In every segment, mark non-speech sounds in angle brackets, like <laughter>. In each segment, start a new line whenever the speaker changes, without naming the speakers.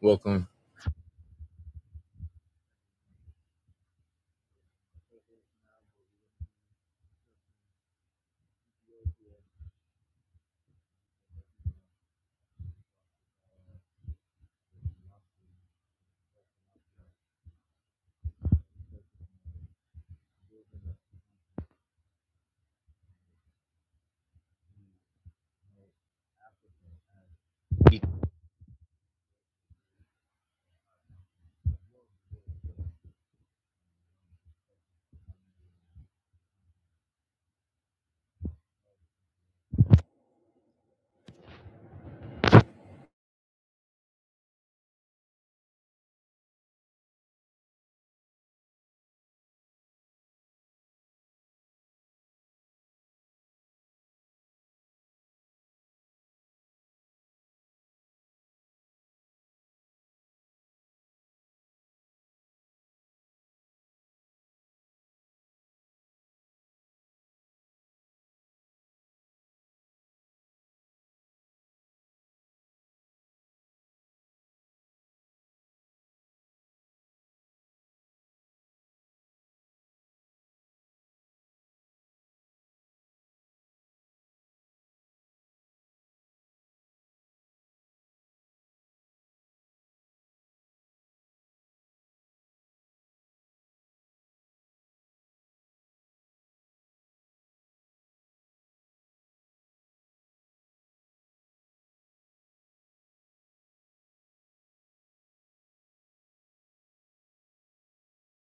Welcome.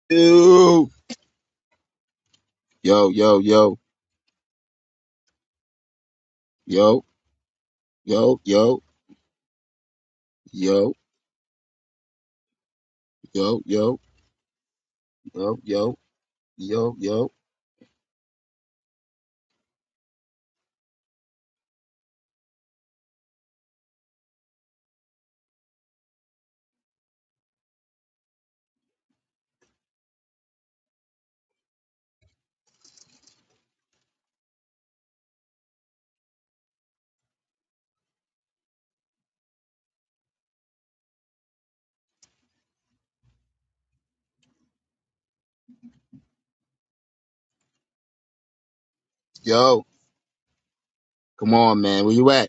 Yo, yo, yo, yo, yo, yo, yo, yo, yo, yo, yo, yo, yo, yo, yo. Come on, man. Where you at?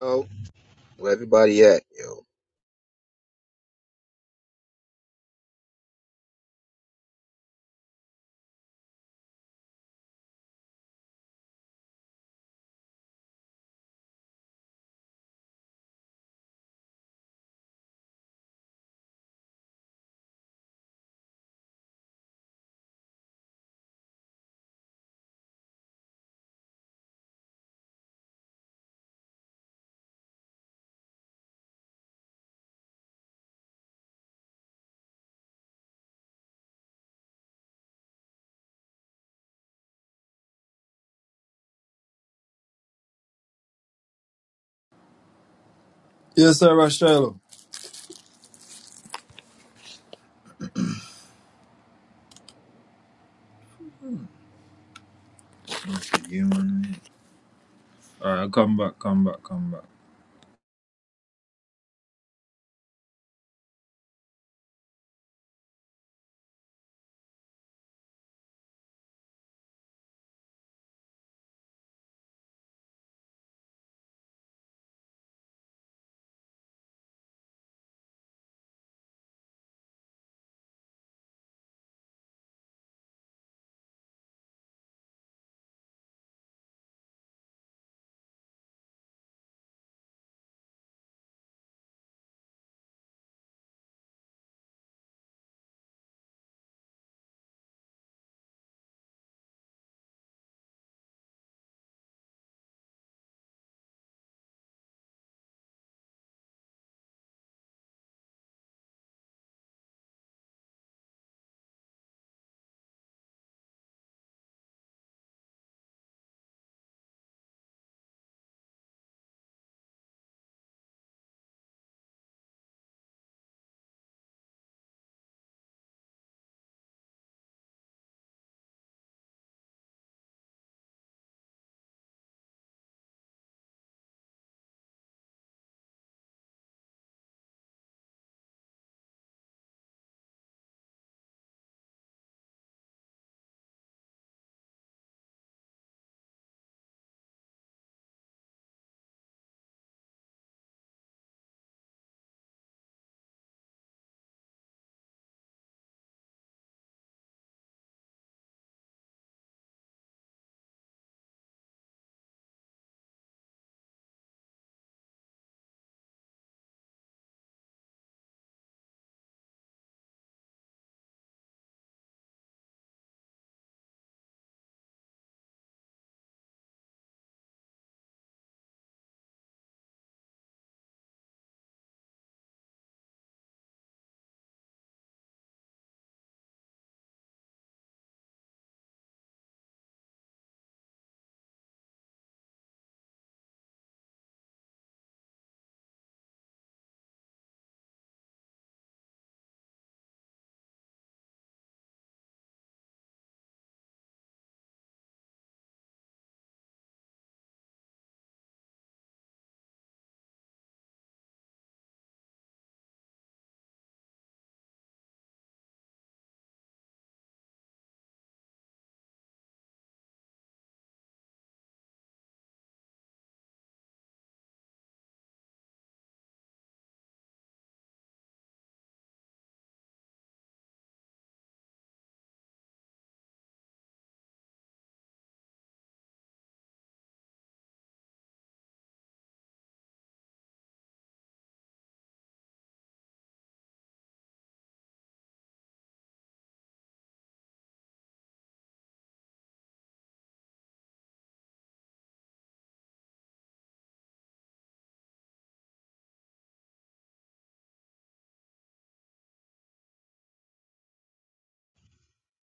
Yo, where everybody at? Yo,
Yes, sir, Rashalo. You and All right, come back, come back, come back.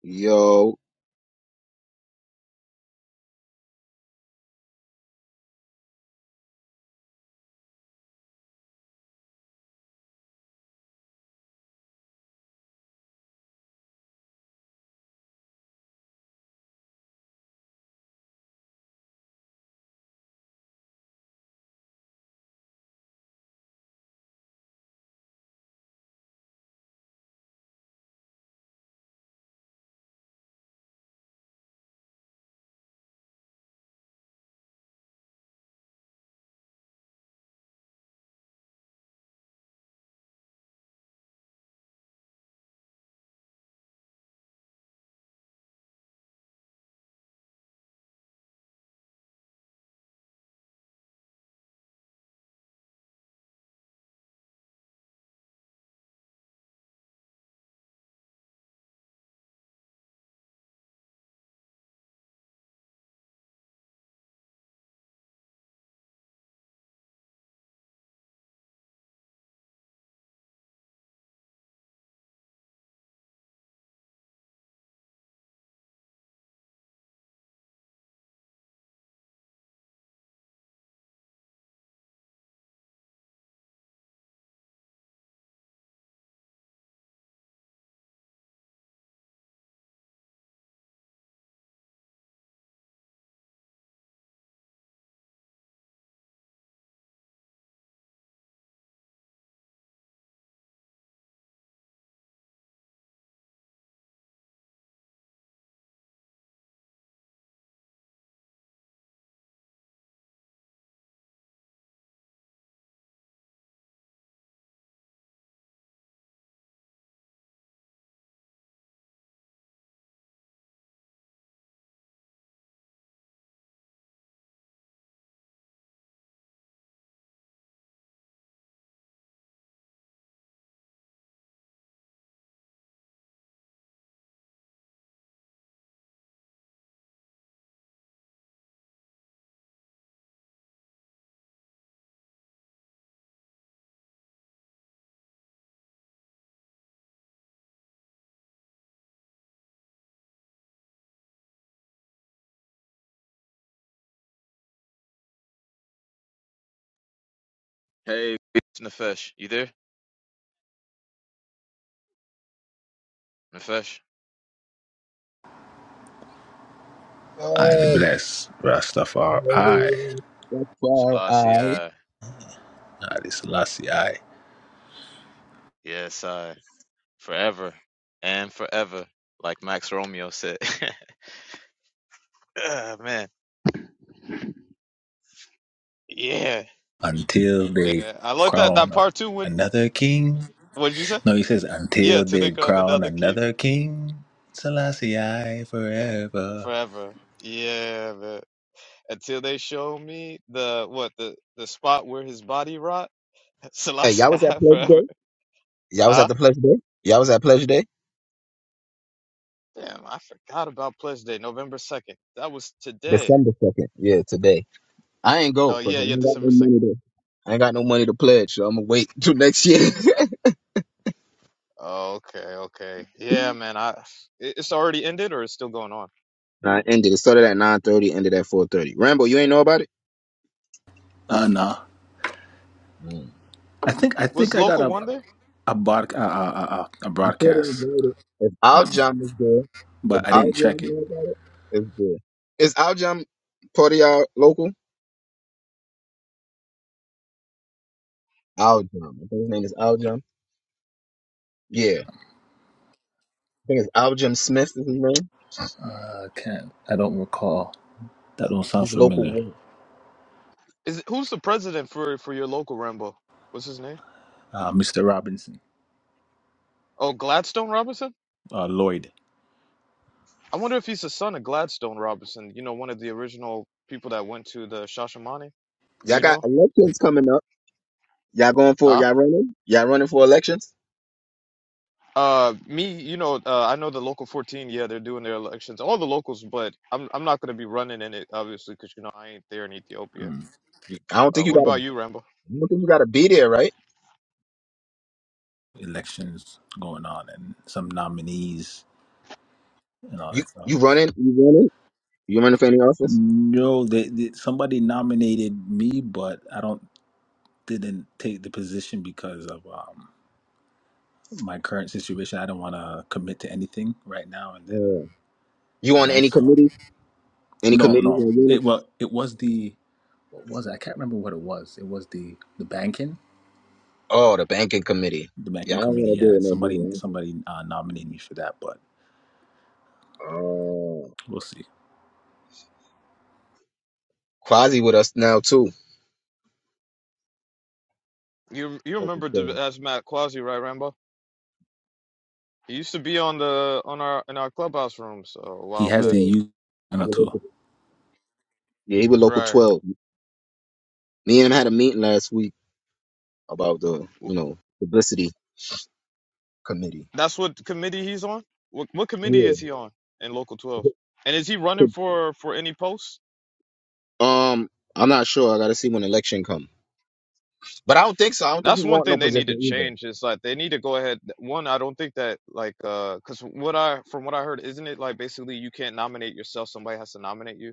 yo,
Hey, it's Nefesh, you there? Nefesh,
I
yo.
bless Rastafari,
That's why I.
Selassie, I,
Ali Selassie, I,
yes, I, forever and forever, like Max Romeo said. <laughs> Ah, man, yeah,
until they
yeah. I like that that
crown
part too. When
another king.
what did you say?
No, he says,
Yeah,
until
till
they
they cut
crown
another key.
another king, Selassie, I
Yeah,
forever.
forever. Yeah, man. Until they show me the what the the spot where his body rot. <laughs>
Hey, y'all
Selassie,
was at
I,
Pleasure
forever.
Day. Y'all was at
Huh?
the Pleasure Day. Y'all was at Pleasure Day.
Damn, I forgot about Pledge Day, November second. That was today.
December second. Yeah, today. I ain't go
Oh
because
yeah,
I
yeah,
ain't got no
December second.
money to. I ain't got no money to pledge, so I'm gonna wait <laughs> till next year. <laughs>
Oh, okay, okay. Yeah, man. I it- it's already ended or it's still going on.
Nah, it ended. It started at nine thirty. Ended at four thirty. Rambo, you ain't know about it.
Uh, no.
Mm.
I think I
Was
think I got
local
a
one there?
a, bod, uh, uh, uh, a
I'm sure they
broadcast,
invited. If our
but,
jam is there, if
but I
our
didn't
jam
check it.
know about it, it's there. Is our jam part of y'all local? Our jam. I think his name is Al Jam. Yeah. I think it's Al Jam Smith is his name.
Uh, I can't. I don't recall. That don't sound
He's a local
familiar.
one.
Is it, who's the president for for your local Rambo? What's his name?
Uh, Mr. Robinson,
Oh, Gladstone Robinson.
uh, Lloyd.
I wonder if he's the son of Gladstone Robinson. You know, one of the original people that went to the Shashamani. Do
Y'all
you
got
know?
elections coming up. Y'all going for
Huh?
y'all running? Y'all running for elections?
Uh, me. You know, uh, I know the local 14. Yeah, they're doing their elections. All the locals, but I'm I'm not gonna be running in it obviously because you know I ain't there in Ethiopia.
Mm.
I don't
Uh,
think you
what
gotta
about you, Rambo?
I don't think you gotta be there, right?
Elections going on and some nominees and all
You
that stuff.
you running? You running? You running for any office?
No, they, they somebody nominated me, but I don't didn't take the position because of um, my current situation. I don't want to commit to anything right now, and then
Yeah. You
you
on
know.
any
So
committee? Any
no, no.
committees?
It well, it was the what was it? I can't remember what it was. It was the the banking,
Oh, the banking committee.
the
Yeah, I
banking
don't
committee.
want to
Yeah,
do it no
somebody
money.
somebody uh, nominated me for that, but
Oh,
we'll see.
Quasi with us now too.
You you
Local
remember the-
twelve.
that's Matt Quasi, right, Rambo? He used to be on the on our in our clubhouse rooms uh, a
He
while
Yeah,
has
back.
the you
he
know
was
two.
local. Yeah, he was local
Right.
twelve. Me and him had a meeting last week about the you know publicity committee.
That's what committee he's on. What what committee
Yeah.
is he on in Local 12?
<laughs>
And is he running for for any posts?
Um, I'm not sure. I got to see when election come. But I don't think so. I don't think he
That's one
want no
thing they need to
position either.
change. Is like they need to go ahead. One, I don't think that like uh, cause what I from what I heard, isn't it like basically you can't nominate yourself, somebody has to nominate you,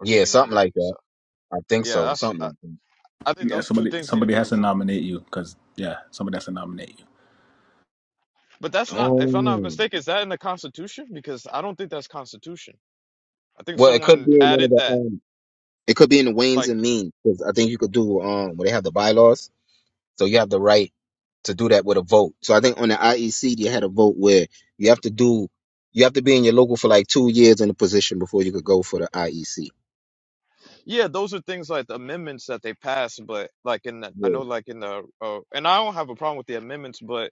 or can you
something like
nominate
that.
yourself?
I think
Yeah,
so.
that's
Something
I,
like that.
I think
Yeah,
those two
somebody
things need to
somebody
be
has to
removed.
nominate you because yeah, somebody has to nominate you.
But that's not, if I'm not
Oh.
mistaken, is that in the Constitution? Because I don't think that's Constitution. I think
Well, it could
someone
be in one of
added
the
that,
um. It could be in the Waynes
like,
and Means because I think you could do um where they have the bylaws. So you have the right to do that with a vote. So I think on the IEC they had a vote where you have to do you have to be in your local for like two years in a position before you could go for the IEC.
yeah, those are things like amendments that they pass, but like in the, I
Yeah.
know like in the, uh, and I don't have a problem with the amendments, but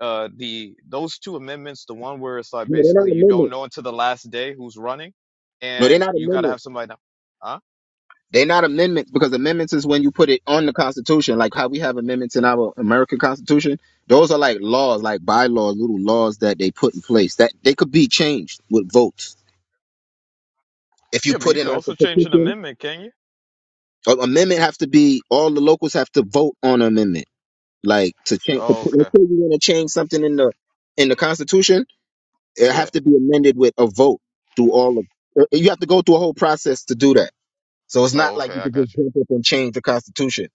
uh, the those two amendments, the one where it's like
No, they're not
basically you don't
amendments.
know until the last day who's running,
No, they're
and
not
you gotta have
amendments.
somebody now, huh?
They're not amendments because amendments is when you put it on the Constitution, like how we have amendments in our American Constitution. Those are like laws, like bylaws, little laws that they put in place that they could be changed with votes. If you
Yeah, but
put
you
in
could
like a
also change an
petition,
amendment, can you?
an amendment have to be all the locals have to vote on an amendment. Like to change, to
Oh,
put, let's
okay.
say you want to change something in the in the Constitution, it
Yeah.
have to be amended with a vote through all of. uh, You have to go through a whole process to do that. So it's not
Oh,
like
okay.
you
I
can
got
just
you.
jump up and change the Constitution.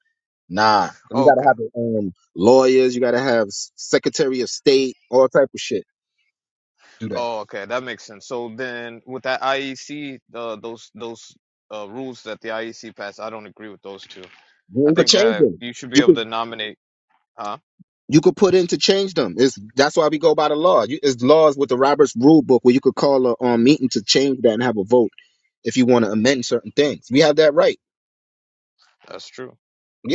Nah, you
Oh, okay.
gotta have um, lawyers, you gotta have s- Secretary of State, all type of shit. to Do that.
Oh, okay, that makes sense. So then, with that IEC, uh, those those uh, rules that the IEC passed, I don't agree with those two. I
You could
think
change
that
them.
you should be
You
able
could
to nominate. Huh?
you could put in to change them. It's that's why we go by the law. You, it's laws with the Roberts Rule Book where you could call a um, meeting to change that and have a vote if you want to amend certain things. We have that right.
That's true.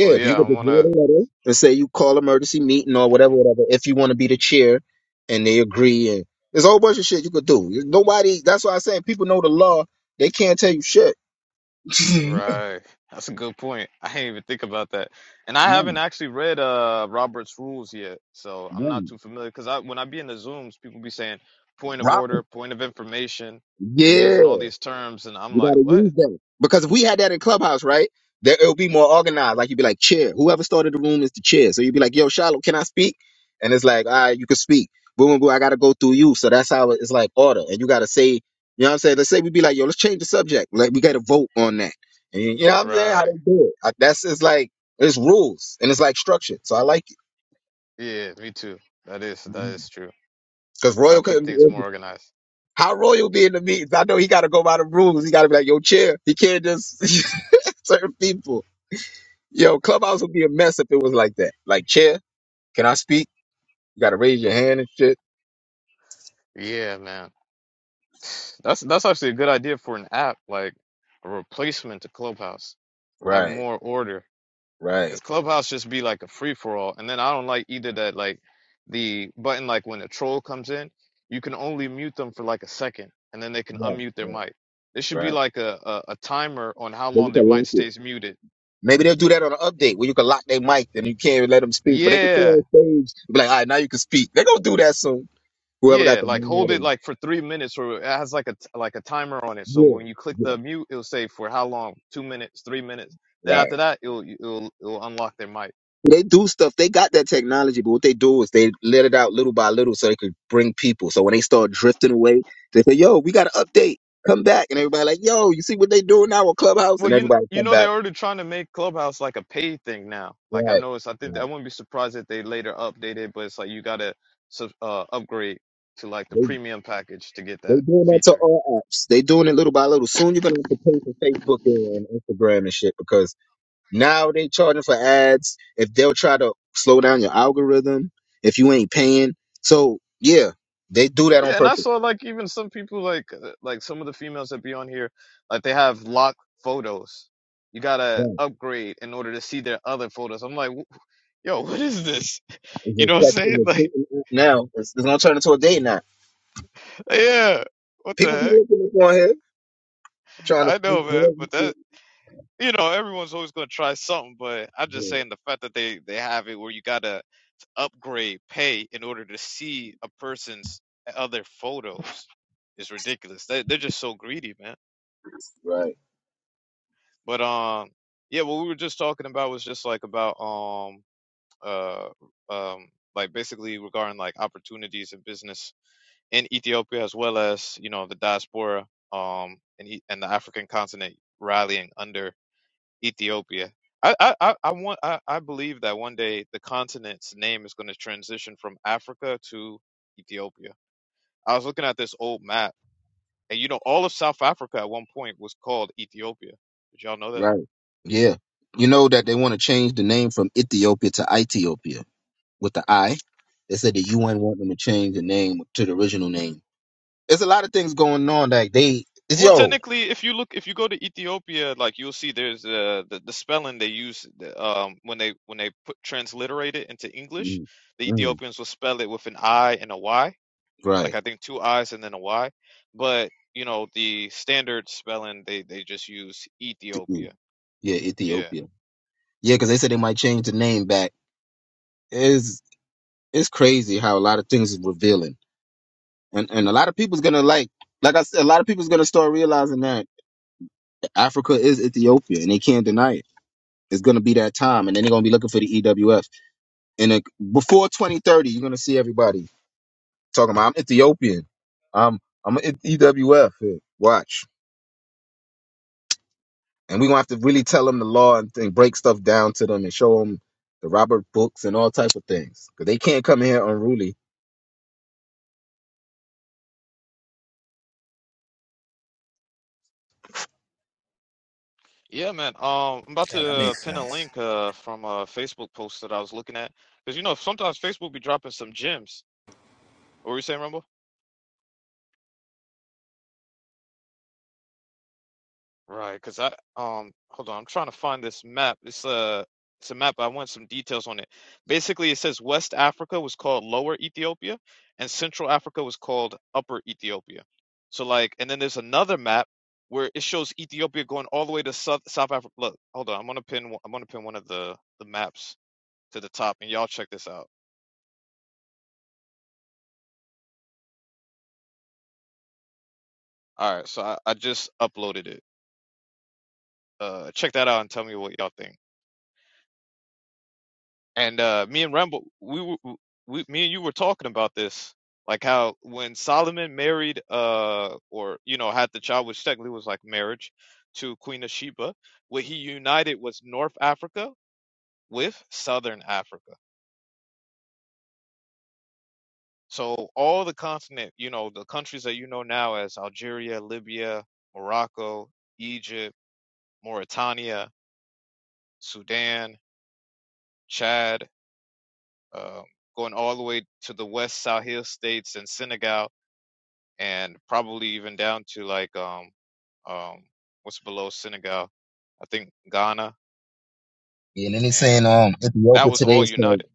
Well, yeah,
you
I
could just
want
write a
to.
letter and say you call emergency meeting or whatever, whatever, if you want to be the chair and they agree. And there's a whole bunch of shit you could do. Nobody, that's why i say people know the law. They can't tell you shit. <laughs>
Right. That's a good point. I didn't even think about that. And I
Right,
haven't actually read uh Robert's rules yet, so I'm
right,
not too familiar. Because I when I be in the Zooms, people be saying point of
Rock.
order, point of information. They be using
Yeah.
all these terms, and I'm
You got
like,
to
what?
use them because if we had that in Clubhouse, right? There it would be more organized. Like you'd be like chair. Whoever started the room is the chair. So you'd be like, "Yo, Shiloh, can I speak?" And it's like, "All right, you can speak." Boom, boom, boom. I got to go through you. So that's how it- it's like order. And you got to say, you know what I'm saying? Let's say we'd be like, "Yo, let's change the subject." Like we got to vote on that. And you know what I'm saying?
Right.
How they do it? I- That's it's like it's rules and it's like structured. So I like
Yeah, me too. That is
it
that is true.
because
I'll
Royal
keep
couldn't.
things more organized.
How Royal be in the meetings? I know he got to go by the rules. He got to be like, "Yo, chair." He can't just <laughs> certain people. Yo, Clubhouse would be a mess if it was like that. Like, chair, can I speak? You gotta raise your hand and shit.
Yeah, man. That's that's actually a good idea for an app, like a replacement to Clubhouse. Have
Right,
more order.
right.
Because Clubhouse just be like a free for all. And then I don't like either that like the button like when a troll comes in, you can only mute them for like a second and then they can
Yeah,
unmute their
right.
mic. There should be
right.
like a, a, a timer on how
Then
long
you
their
can
mic
lock it.
stays muted.
Maybe they'll do that on an update where you can lock their mic and you can't even let them speak, but they can stay
Yeah.
on stage. Be like, all right, now you can speak. They're gonna do that soon. Whoever got
Yeah,
the
like hold
mod
it
and
like for three minutes, or it has like a t- like a timer on it. So
yeah,
when you click
yeah.
the mute, it'll say for how long? Two minutes, three minutes. Then
Right.
after that, it'll it'll it'll unlock their mic.
They do stuff. They got that technology, but what they do is they let it out little by little so they could bring people. So when they start drifting away, they say, "Yo, we got to update. Come back." And everybody like, "Yo, you see what they doing now with Clubhouse?"
Well,
And
you
everybody
you
come
know
back.
they're already trying to make Clubhouse like a paid thing now. Like I
Right.
know it's I think I
right.
wouldn't be surprised if they later update it, but it's like you gotta sub, uh upgrade to like the
They
premium package to get
they
that
doing that to
feature.
all apps. They doing it little by little. Soon you're gonna have to pay for Facebook and Instagram and shit because now they charging for ads. If they'll try to slow down your algorithm, if you ain't paying, so yeah, they do that on
Yeah, and I
purpose.
saw like even some people like uh, like some of the females that be on here, like they have locked photos. You gotta
Right.
upgrade in order to see their other photos. I'm like, "Wh- yo, <laughs> what is this?
It's
You
a
know what
section
I'm saying? <laughs>
of
Like,
dating app now. It's, it's gonna turn into a dating app.
yeah, what the
People be looking up on here
heck?
trying to
I
meet
know, man,
girls
but
and shit.
that you know everyone's always gonna try something. But I'm just
Yeah,
saying the fact that they they have it where you gotta upgrade, pay in order to see a person's other photos is ridiculous. They they're just so greedy, man.
Right,
But um, yeah, what we were just talking about was just like about um uh um like basically regarding like opportunities in business in Ethiopia as well as you know the diaspora um and E- and the African continent rallying under Ethiopia. I I I I want I, I believe that one day the continent's name is going to transition from Africa to Ethiopia. I was looking at this old map, and you know all of South Africa at one point was called Ethiopia. Did y'all know that?
right. Yeah. You know that they want to change the name from Ethiopia to Ethiopia with the I. They said the UN want them to change the name to the original name. There's a lot of things going on. Like they, it's
Well,
yo.
technically, if you look, if you go to Ethiopia, like you'll see, there's uh, the the spelling they use the, um when they when they put transliterate it into English,
Mm,
the
mm,
Ethiopians will spell it with an I and a Y, like
right.
I think two I's and then a Y. But you know, the standard spelling they they just use
Mm,
Ethiopia.
Yeah,
Yeah,
Ethiopia. Yeah, because they said they might change the name back. Is it's it's crazy how a lot of things is revealing. and and a lot of people's gonna like like I said, a lot of people's gonna start realizing that Africa is Ethiopia and they can't deny it. It's gonna be that time, and then they're gonna be looking for the EWF. And uh, before 2030, you're gonna see everybody talking about I'm Ethiopian. I'm I'm an EWF. Yeah, Watch, and we're gonna have to really tell them the law and thing, break stuff down to them, and show them the Robert books and all type of things because they can't come in here unruly.
yeah, man. Um, I'm about
Yeah, that
to
makes
pin a
sense.
link uh from a Facebook post that I was looking at because you know sometimes Facebook be dropping some gems. What were you saying, Rumble? Right, because I um hold on, I'm trying to find this map. It's a it's a map. I want some details on it. Basically, it says West Africa was called Lower Ethiopia, and Central Africa was called Upper Ethiopia. So like, and then there's another map where it shows Ethiopia going all the way to South South Africa. Look, hold on, I'm gonna pin one- I'm gonna pin one of the the maps to the top, and y'all check this out. All right, so I, I just uploaded it. Uh, check that out and tell me what y'all think. And uh, me and Rambo, we, were- we, me and you were talking about this, like how when Solomon married, uh, or you know, had the child, which technically was like marriage, to Queen of Sheba, what he united was North Africa with Southern Africa. So all the continent, you know, the countries that you know now as Algeria, Libya, Morocco, Egypt, Mauritania, Sudan, Chad, um, going all the way to the West Sahel states and Senegal and probably even down to like um um what's below Senegal, I think Ghana,
And then they're saying
and
um
that
Ethiopia
was
today
all
is called
united,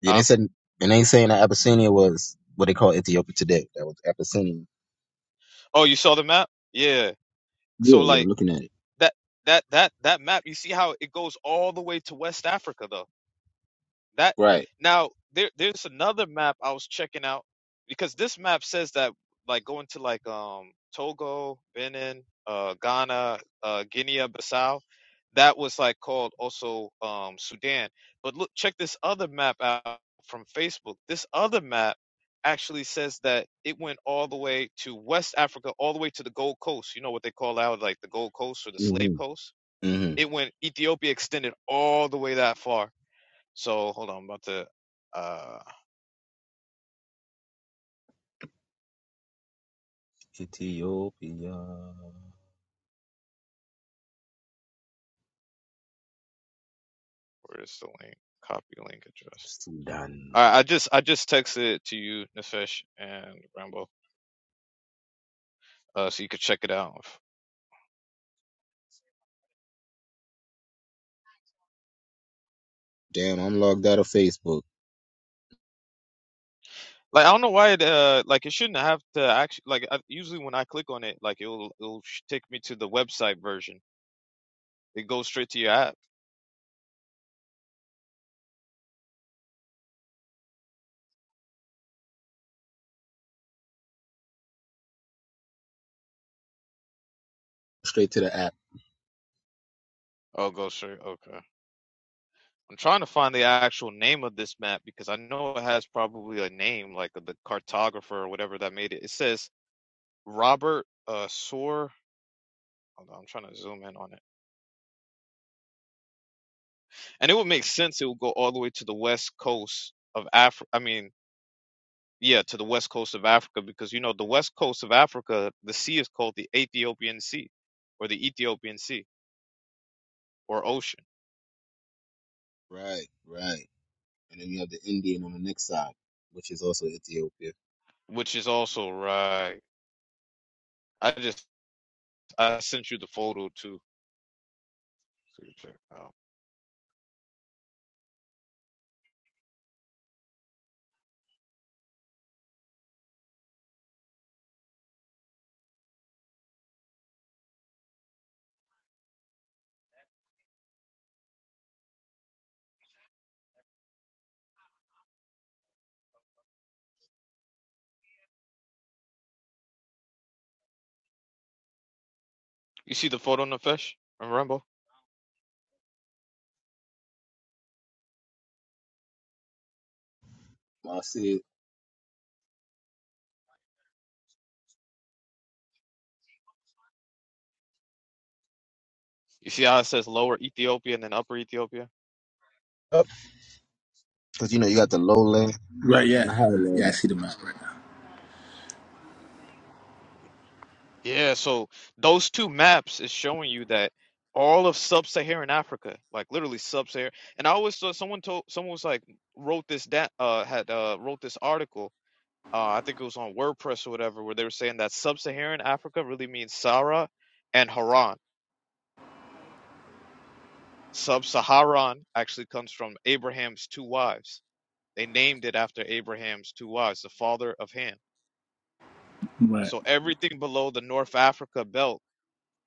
Yeah, they
huh?
said, and they saying that Abyssinia was what they call Ethiopia today. That was Abyssinia.
Oh, you saw the map? Yeah. So
Yeah, yeah, I'm
like
looking at it.
that that that that map, you see how it goes all the way to West Africa though. That
Right.
now there there's another map I was checking out because this map says that like going to like um Togo, Benin, uh Ghana, uh Guinea Bissau, that was like called also um Sudan. But look check this other map out from Facebook. This other map actually says that it went all the way to West Africa, all the way to the Gold Coast. You know what they call out like the Gold Coast or the Slave
hmm
Coast?
hmm
It went Ethiopia extended all the way that far so hold on, I'm about to uh
Ethiopia,
where is the link? Copy link address.
Sudan.
All right, I just I just texted it to you, Nefesh and Rambo, uh, so you could check it out.
Damn, I'm logged out of Facebook.
Like I don't know why it uh like it shouldn't have to actually like I, usually when I click on it like it'll it'll sh- take me to the website version. It goes straight to your app.
Straight to the app.
Oh, go straight. Okay. I'm trying to find the actual name of this map because I know it has probably a name like the cartographer or whatever that made it. It says Robert uh Soar. Hold on, I'm trying to zoom in on it. and it would make sense it would go all the way to the west coast of Africa. I mean, yeah, to the west coast of Africa because you know the west coast of Africa, the sea is called the Ethiopian Sea or the Ethiopian Sea or ocean,
Right, right. And then you have the Indian on the next side, which is also Ethiopia.
which is also right. I just I sent you the photo too. so you check it out. You see the photo, Nefesh and Rambo?
I see it
You see how it says lower Ethiopia and then upper Ethiopia?
up because you know you got the lowland
Right,
and
yeah.
the
Yeah, I
highland.
see the map right now.
Yeah, so those two maps is showing you that all of sub-Saharan Africa, like literally sub-Saharan, and I always saw someone told someone was like wrote this that uh had uh wrote this article, uh I think it was on WordPress or whatever, where they were saying that sub-Saharan Africa really means Sarah and Haran. Sub-Saharan actually comes from Abraham's two wives. They named it after Abraham's two wives, the father of Ham.
Right.
So everything below the North Africa belt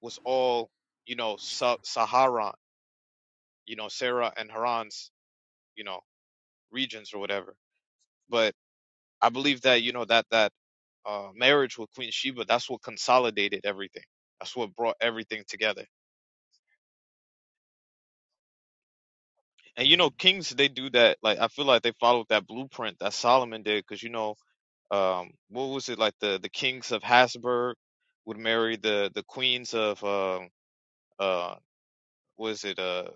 was all, you know, sub-Saharan you know, Sarah and Haran's, you know, regions or whatever. But I believe that, you know, that that uh marriage with Queen Sheba, that's what consolidated everything. That's what brought everything together. And you know, kings they do that like I feel like they followed that blueprint that Solomon did cuz you know, um what was it like the the kings of Habsburg would marry the the queens of uh uh was it uh,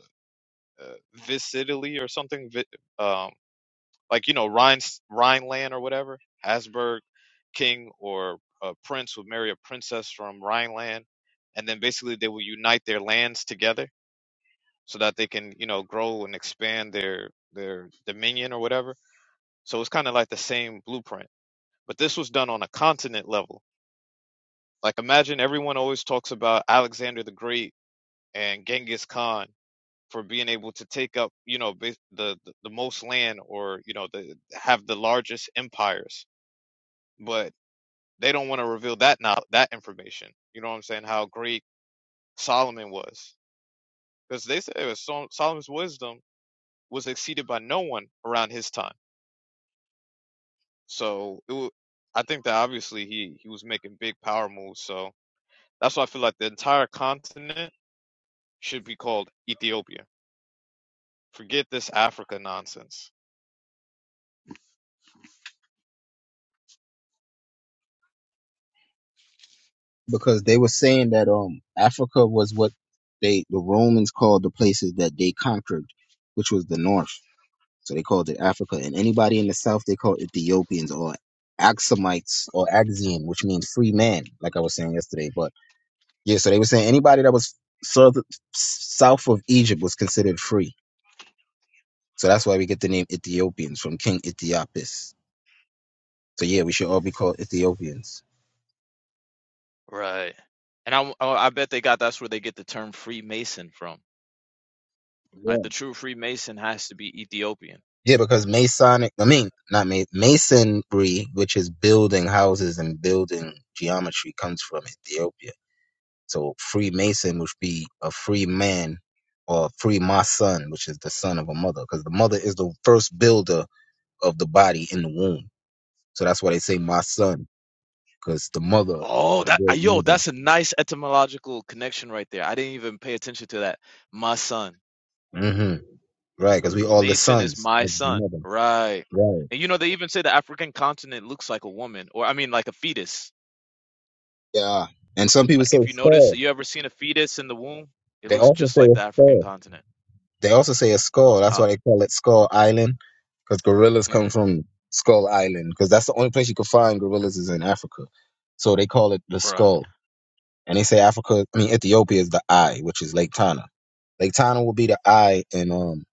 uh Vis Italy or something? Vi- um, like you know Rhine Rhineland or whatever Habsburg king or a prince would marry a princess from Rhineland, and then basically they will unite their lands together so that they can you know grow and expand their their dominion or whatever. So it's kind of like the same blueprint, but this was done on a continent level. Like imagine everyone always talks about Alexander the Great and Genghis Khan for being able to take up you know bas- the the, the most land or you know the have the largest empires but they don't want to reveal that now that information. You know what I'm saying? How great Solomon was, because they say it was Sol- Solomon's wisdom was exceeded by no one around his time. So it wa- I think that obviously he he was making big power moves. So that's why I feel like the entire continent should be called Ethiopia. Forget this Africa nonsense.
Because they were saying that um Africa was what they the Romans called the places that they conquered, which was the north. So they called it Africa. And anybody in the south, they called Ethiopians or Axumites or Axian, which means free man, like I was saying yesterday. But yeah, so they were saying anybody that was south, south of Egypt was considered free. So that's why we get the name Ethiopians from King Ethiopis. So yeah, we should all be called Ethiopians.
Right. And I oh, I bet they got that's where they get the term Freemason from. Like
Yeah.
the true Freemason has to be Ethiopian.
Yeah, because Masonic, I mean, not Ma- Masonry, which is building houses and building geometry, comes from Ethiopia. So Freemason would be a free man or free my son, which is the son of a mother, because the mother is the first builder of the body in the womb. So that's why they say my son, because the mother
Oh,
or the
that uh,
great
yo,
mother.
that's a nice etymological connection right there. I didn't even pay attention to that. My son.
Mm-hmm. Right, because we all the
Mason is
sons
my
of the
son.
mother.
Right.
Right.
And you know, they even say the African continent looks like a woman, or I mean like a fetus.
Yeah. And some people
Like
say
if you notice,
skull.
you ever seen a fetus in the womb? It
They
looks
also
just
say
like
a
the African
skull.
continent.
They also say a skull. That's
Huh.
why they call it Skull Island, because gorillas come
hmm
from Skull Island, because that's the only place you can find gorillas is in Africa. So they call it the
Right.
skull. And they say Africa, I mean Ethiopia is the eye, which is Lake Tana. Lake Tana will be the eye, and um,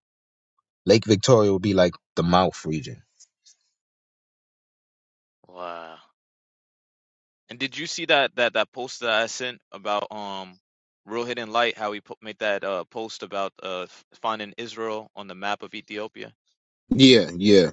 Lake Victoria will be like the mouth region.
Wow. And did you see that that that post that I sent about um Real Hidden Light, how he po- made that uh post about uh f- finding Israel on the map of Ethiopia?
Yeah, yeah.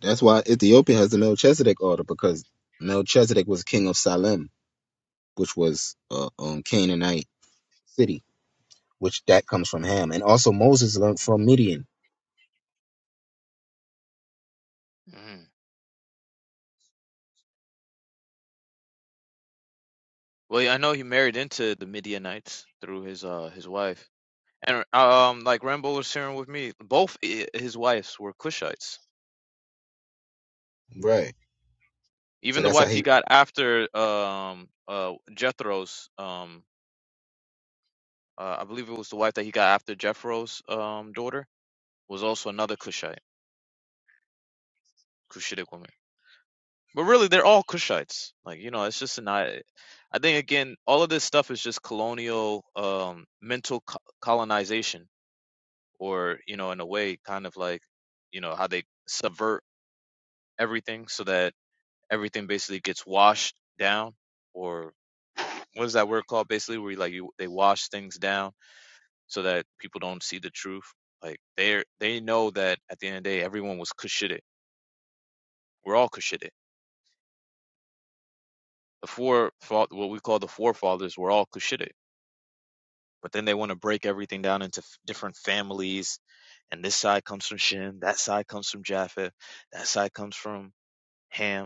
That's why Ethiopia has the Melchizedek order because Melchizedek was king of Salem, which was a um Canaanite city, which that comes from Ham, and also Moses learned from Midian.
Mhm. Well, yeah, I know he married into the Midianites through his uh his wife, and uh, um like Rambo was sharing with me, both i- his wives were Cushites.
Right. So
Even the
that's how
wife he
he
got after um uh Jethro's um uh, I believe it was the wife that he got after Jethro's um daughter was also another Cushite Cushitic woman. But really, they're all Cushites. Like you know, it's just an I. I think again, all of this stuff is just colonial um mental co- colonization or you know in a way kind of like you know how they subvert everything so that everything basically gets washed down or what is that word called basically where you like you they wash things down so that people don't see the truth like they they know that at the end of the day everyone was kushitic we're all kushitic the four what we call the forefathers were all kushitic but then they want to break everything down into f- different families and this side comes from shem that side comes from japheth that side comes from ham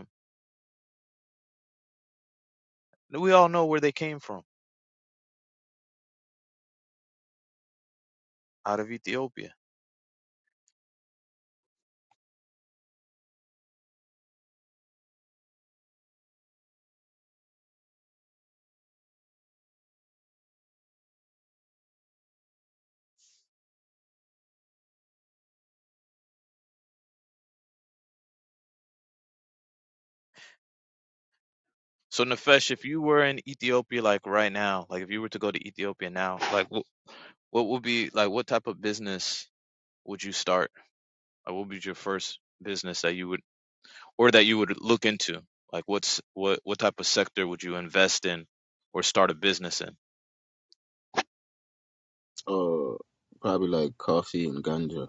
We all know where they came from, out of Ethiopia. So Nefesh, if you were in Ethiopia like right now, like if you were to go to Ethiopia now, like what what would be like what type of business would you start? Like what would be your first business that you would or that you would look into? Like what's what what type of sector would you invest in or start a business in?
uh probably like coffee and ganja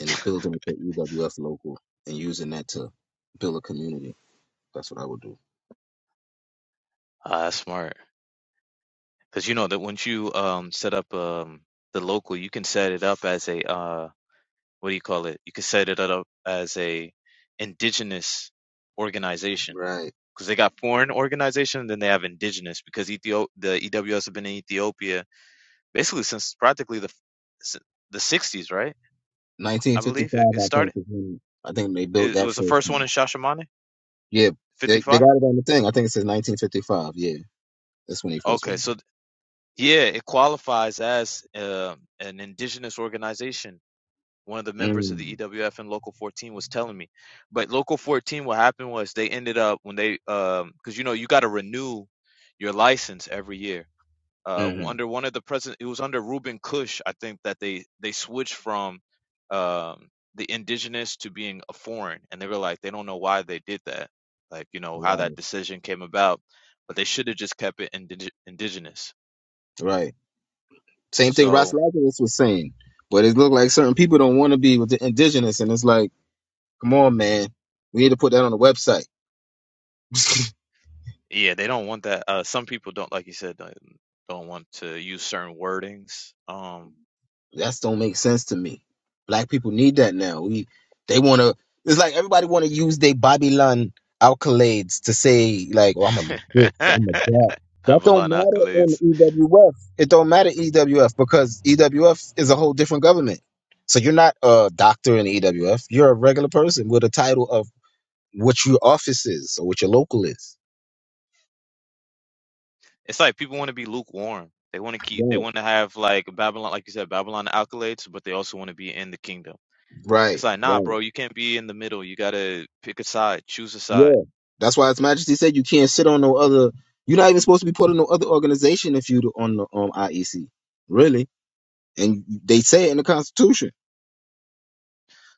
and building the EWF local and using that to build a community. That's what I would do.
Ah, that's smart. Because you know that once you um set up um the local, you can set it up as a uh what do you call it? You can set it up as a indigenous organization
Right.
because they got foreign organization, and then they have indigenous because Ethiop the EWS have been in Ethiopia basically since practically the s- the 60s, right? I believe
1955,
it, it
I think,
started.
is when I think they built
It
that
was the
first
first one in
one.
Shashamane,
Yeah, they, they
55.
got it on the thing. I think it says 1955. Yeah, that's when they first
Okay,
went.
so th- yeah, it qualifies as uh, an indigenous organization one of the members of the
Mm,
EWF and Local 14 was telling me. But Local 14, what happened was they ended up when they, um, because you know you got to renew your license every year. Uh,
hmm
under one of the president, it was under Ruben Kush, I think that they they switched from um, the indigenous to being a foreign, and they were like they don't know why they did that, like you know how that
Right.
decision came about, but they should have just kept it indig- indigenous.
Right. Same thing Ross
So
Lazarus was saying, but it looked like certain people don't want to be with the indigenous, and it's like, come on, man, we need to put that on the website.
Yeah, they don't want that. Uh, some people don't, like you said, don't, don't want to use certain wordings. Um,
That don't make sense to me. Black people need that now. We they want to. It's like everybody want to use their Babylon accolades to say like, "Oh, I'm a
<laughs>
this, I'm a that." That don't
Babylon
matter
accolades.
in EWF. It don't matter EWF because EWF is a whole different government. So you're not a doctor in EWF. You're a regular person with a title of what your office is or what your local is.
It's like people want to be lukewarm. They want to keep. They
Right.
want to have like Babylon, like you said, Babylon accolades, but they also want to be in the kingdom. It's
Right.
like,
Right.
nah, bro, you can't be in the middle. You gotta pick a side, choose a side.
Yeah. That's why His Majesty said you can't sit on no other. You're not even supposed to be put in no other organization if you on the um, IEC, really. And they say it in the Constitution.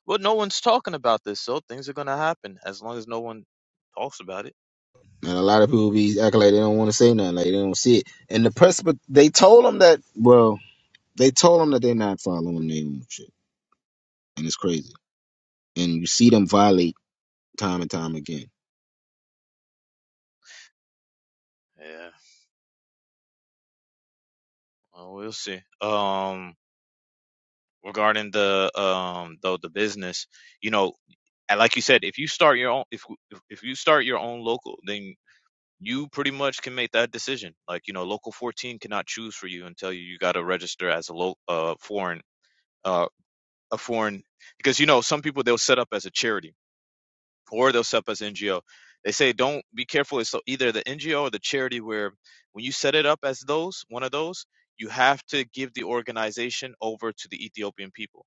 Well, no one's talking about this, so things are gonna happen as long as no one talks about it.
And a lot of people be acting like they don't want to say nothing, like they don't see it. And the press, but they told them that. Well, they told them that they're not following their own shit, and it's crazy. And you see them violate time and time again.
Yeah, well, we'll see. Um, regarding the um though the business you know and like you said if you start your own if if if you start your own local then you pretty much can make that decision like you know local 14 cannot choose for you and tell you you got to register as a local uh foreign uh a foreign because you know some people they'll set up as a charity or they'll set up as ngo they say don't be careful it's either the ngo or the charity where when you set it up as those one of those you have to give the organization over to the ethiopian people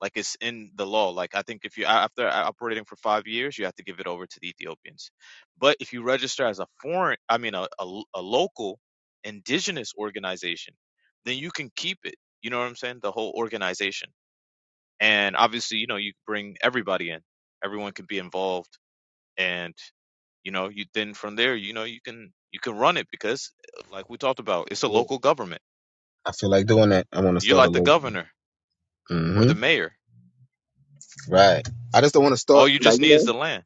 like it's in the law. Like I think if you after uh, operating for five years, you have to give it over to the Ethiopians. But if you register as a foreign, I mean a, a, a local indigenous organization, then you can keep it. You know what I'm saying? The whole organization. And obviously, you know, you bring everybody in. Everyone can be involved. And you know, you then from there, you know, you can you can run it because, uh, like we talked about, it's a
Yeah.
local government.
I feel like doing that. I want to
You're
start a
like the
local.
governor or
hmm
the mayor.
Right. I just don't want to start
All you
like
just
you
need is
know.
the land,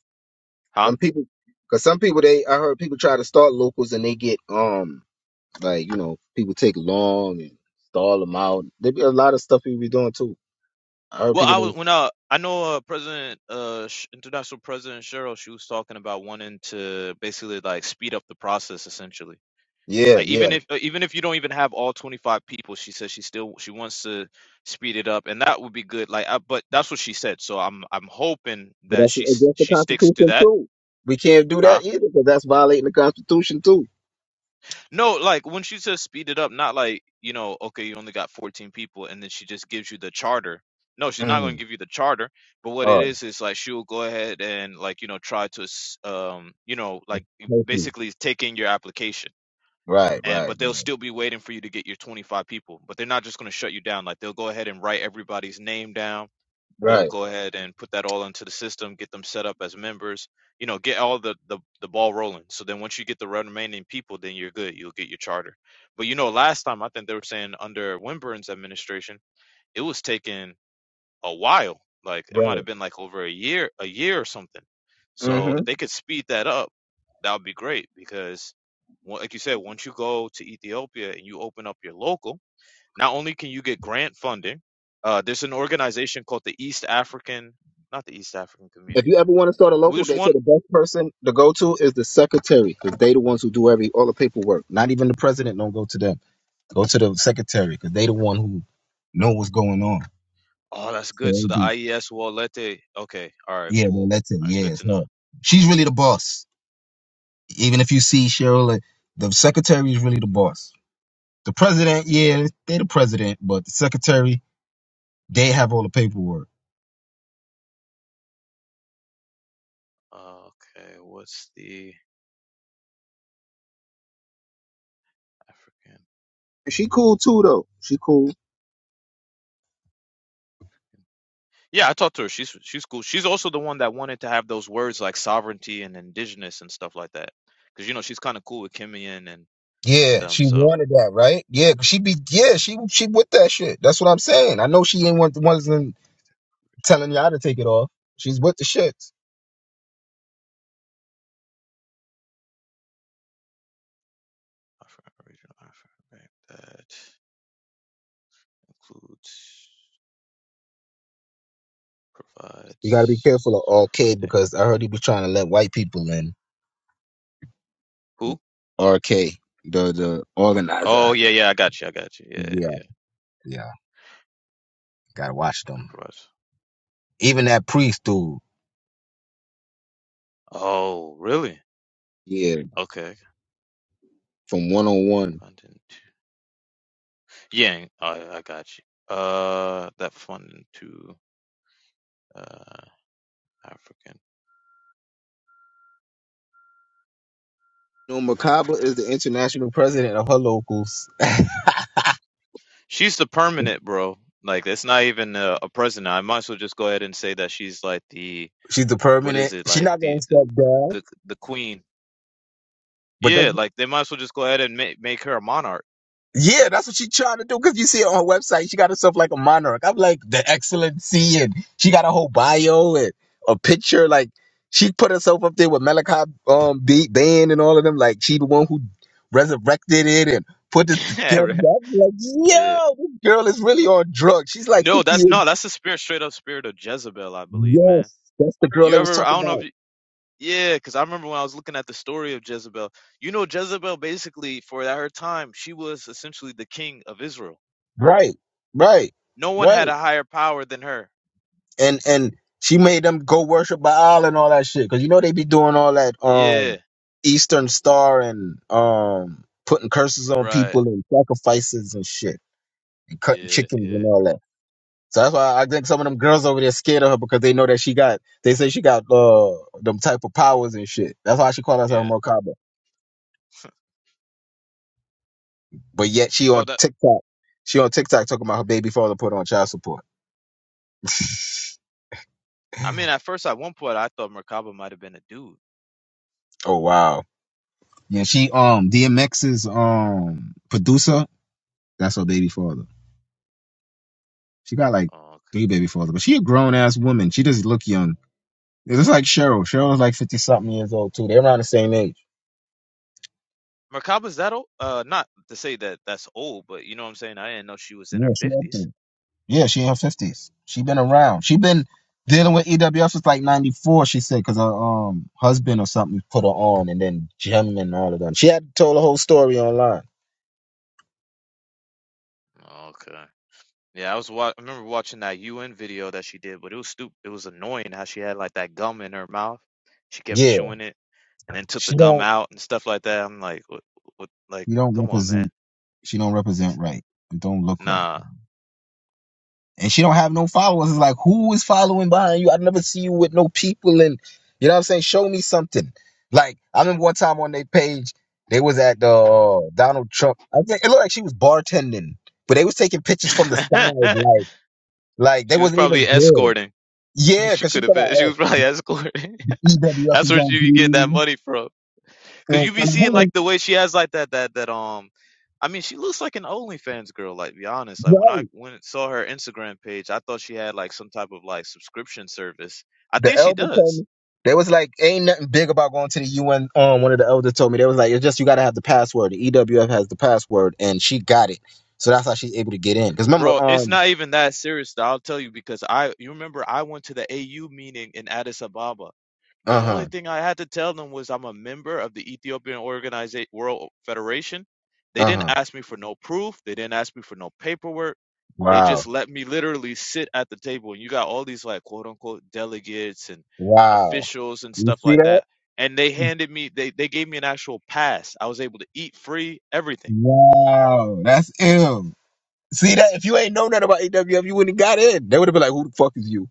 huh?
Some people, because some people they I heard people try to start locals and they get um like you know people take long and stall them out. There be a lot of stuff people be doing too. I heard
Well,
people.
I was
That,
when I I know uh, President uh Sh- International President Cheryl, she was talking about wanting to basically like speed up the process essentially.
yeah,
Like
yeah,
even if uh, even if you don't even have all 25 people, she says she still she wants to speed it up and that would be good. Like I, but that's what she said. So I'm I'm hoping
but
that
that's
she s-
against the
she sticks to
Constitution
that.
too. We can't do
huh.
that either because that's violating the Constitution too.
No, like when she says speed it up, not like, you know, okay, you only got 14 people and then she just gives you the charter. No, she's not going
Mm.
to give you the charter, but what it
Oh,
is is like she will go ahead and like, you know, try to s- um, you know, like
thank you.
basically take in your application.
Right,
And
right,
but they'll still be waiting for you to get your 25 people, but they're not just going to shut you down. Like they'll go ahead and write everybody's name down
right,
they'll
right,
go ahead and put that all into the system, get them set up as members, you know, get all the, the, the ball rolling. So then once you get the remaining people, then you're good. You'll get your charter. But you know, last time I think they were saying under Winburn's administration, it was taking a while. Like it might
right.
have been like over a year, a year or something. So
hmm
if they could speed that up, that would be great because, well, like you said, once you go to Ethiopia and you open up your local not only can you get grant funding, uh, there's an organization called the East African, not the East African
If you
Community.
ever want to start a
We
local,
just
they say
want,
the best person to go to is the secretary because they the ones who do every all the paperwork. Not even the president don't go to them. Go to the secretary because they the one who know what's going on.
oh, that's
So
good. So
it'd
the
be,
IES Walete, okay, all right,
yeah, man,
cool.
that's it.
All right,
Yeah,
good
it's
to know.
her. She's really the boss. Even if you see Cheryl, uh, the secretary is really the boss. The president, yeah, they the president, but the secretary, they have all the paperwork.
Yeah, Okay, what's the African?
And she cool too though. She cool.
Yeah, I talked to her. She's she's cool. She's also the one that wanted to have those words like sovereignty and indigenous and stuff like that, because you know she's kind of cool with Kimian and and
Yeah,
them.
she
So
wanted that, right? Yeah, 'cause she be yeah, she she with that shit. That's what I'm saying. I know she ain't one the ones telling y'all to take it off. She's with the shit.
African regional African right? that includes.
You got to be
provides
careful of RK
funding.
because I heard he was trying to let white people in.
Who?
RK, the the
Oh
organizer.
yeah, yeah, I got you, I got you. Yeah, yeah,
Yeah,
yeah.
yeah. Got to watch them.
Provides
Even
funding.
that priest dude.
Oh, really?
Yeah,
Okay.
from 101.
Funding to Yeah, I I got you. Uh that funding to uh African.
No, Macabre is the international president of her locals.
She's the permanent, bro. Like it's not even a, a president. I might as well just go ahead and say that she's like the
<laughs> She's the
what is
permanent.
it?
She's
Like
not going
the
to step down.
the the queen.
But
Yeah, like they might as well just go ahead and make make her a monarch.
Yeah, that's what she's trying to do. Cause you see it on her website, she got herself like a monarch. I'm like the excellency, and she got a whole bio and a picture. Like she put herself up there with Malachi um B- Band and all of them. Like she the one who resurrected it and put it
<laughs> yeah,
together.
right.
I'm like,
Yeah.
yo, this girl is really on drugs. She's like
No,
50
that's
years.
no, that's the spirit, straight up spirit of Jezebel, I believe, man.
Yes, that's the girl
You
they was
ever? I
talking
don't know if
about.
you. Yeah, because I remember when I was looking at the story of Jezebel. You know, Jezebel basically, for her time, she was essentially the king of Israel.
Right, right,
No one
right.
had a higher power than her.
and and she made them go worship Baal and all that shit. Cause you know they be doing all that
Yeah,
um Eastern Star and um putting curses on
right.
people and sacrifices and shit and cutting
Yeah,
chickens
yeah,
and all that. So that's why I think some of them girls over there scared of her because they know that she got they say she got uh them type of powers and shit. That's why she called herself
yeah.
Merkaba. But yet she
Oh,
on
that.
TikTok. She on TikTok talking about her baby father put on child support. <laughs>
I mean, at first, at one point, I thought Merkaba might have been a dude.
oh wow. Yeah, she um DMX's um producer That's her baby father. She got like
Oh, okay.
three baby fathers, but she a grown ass woman. She doesn't look young. It's like Cheryl. Cheryl's like fifty something years old too. They're around the same age.
Merkaba's that old? Uh, not to say that that's old, but you know what I'm saying. I didn't know she was in her
Yeah, she up
fifties.
there. Yeah, she in her fifties. She been around. She been dealing with EWF since like ninety four. She said because her um husband or something put her on, and then Jim and all of them. She had told the whole story online.
Okay. Yeah, I was wa- I remember watching that UN video that she did, but it was stupid. It was annoying how she had like that gum in her mouth. She kept
Yeah,
chewing it and then took the
she
gum
don't.
out and stuff like that. I'm like, what, what like,
She don't
come on,
represent.
man.
She don't represent right. It don't look right.
Nah.
and she don't have no followers. It's like, who is following behind you? I never see you with no people, and you know what I'm saying. Show me something. Like I remember one time on their page, they was at the uh, Donald Trump. I think it looked like she was bartending, but they was taking pictures from the side,
<laughs>
like like they
She was
wasn't
probably
even there.
escorting. <laughs>
Yeah,
She
cause she
could have
thought,
been. She
oh,
was probably <laughs> escorting. <laughs>
EWF
That's
is
where
gonna
she be
be
getting that
there.
money from. Cause
and,
you be seeing like
and
the way she has like that that that um I mean she looks like an OnlyFans girl, like be honest. Like
her,
when I went and saw her Instagram page, I thought she had like some type of like subscription service. I
the
think she
elder told
does.
me they was like ain't nothing big about going to the UN. Um, one of the elders told me they was like it's just you got to have the password. The EWF has the password, and she got it, so that's how she's able to get in. Because remember,
Bro, it's
um,
not even that serious though. I'll tell you because I you remember I went to the AU meeting in Addis Ababa The
uh
only
huh,
thing I had to tell them was I'm a member of the Ethiopian Organization World Federation. They
uh
didn't
huh.
ask me for no proof. They didn't ask me for no paperwork. They
Wow,
just let me literally sit at the table. And you got all these like quote unquote delegates and
wow.
officials and
You
stuff
see
like
that?
that. And they handed me, they, they gave me an actual pass. I was able to eat free, everything.
Wow, that's ill. See that? If you ain't know nothing about EWF, you wouldn't have got in. They would have been like, "Who the fuck is you?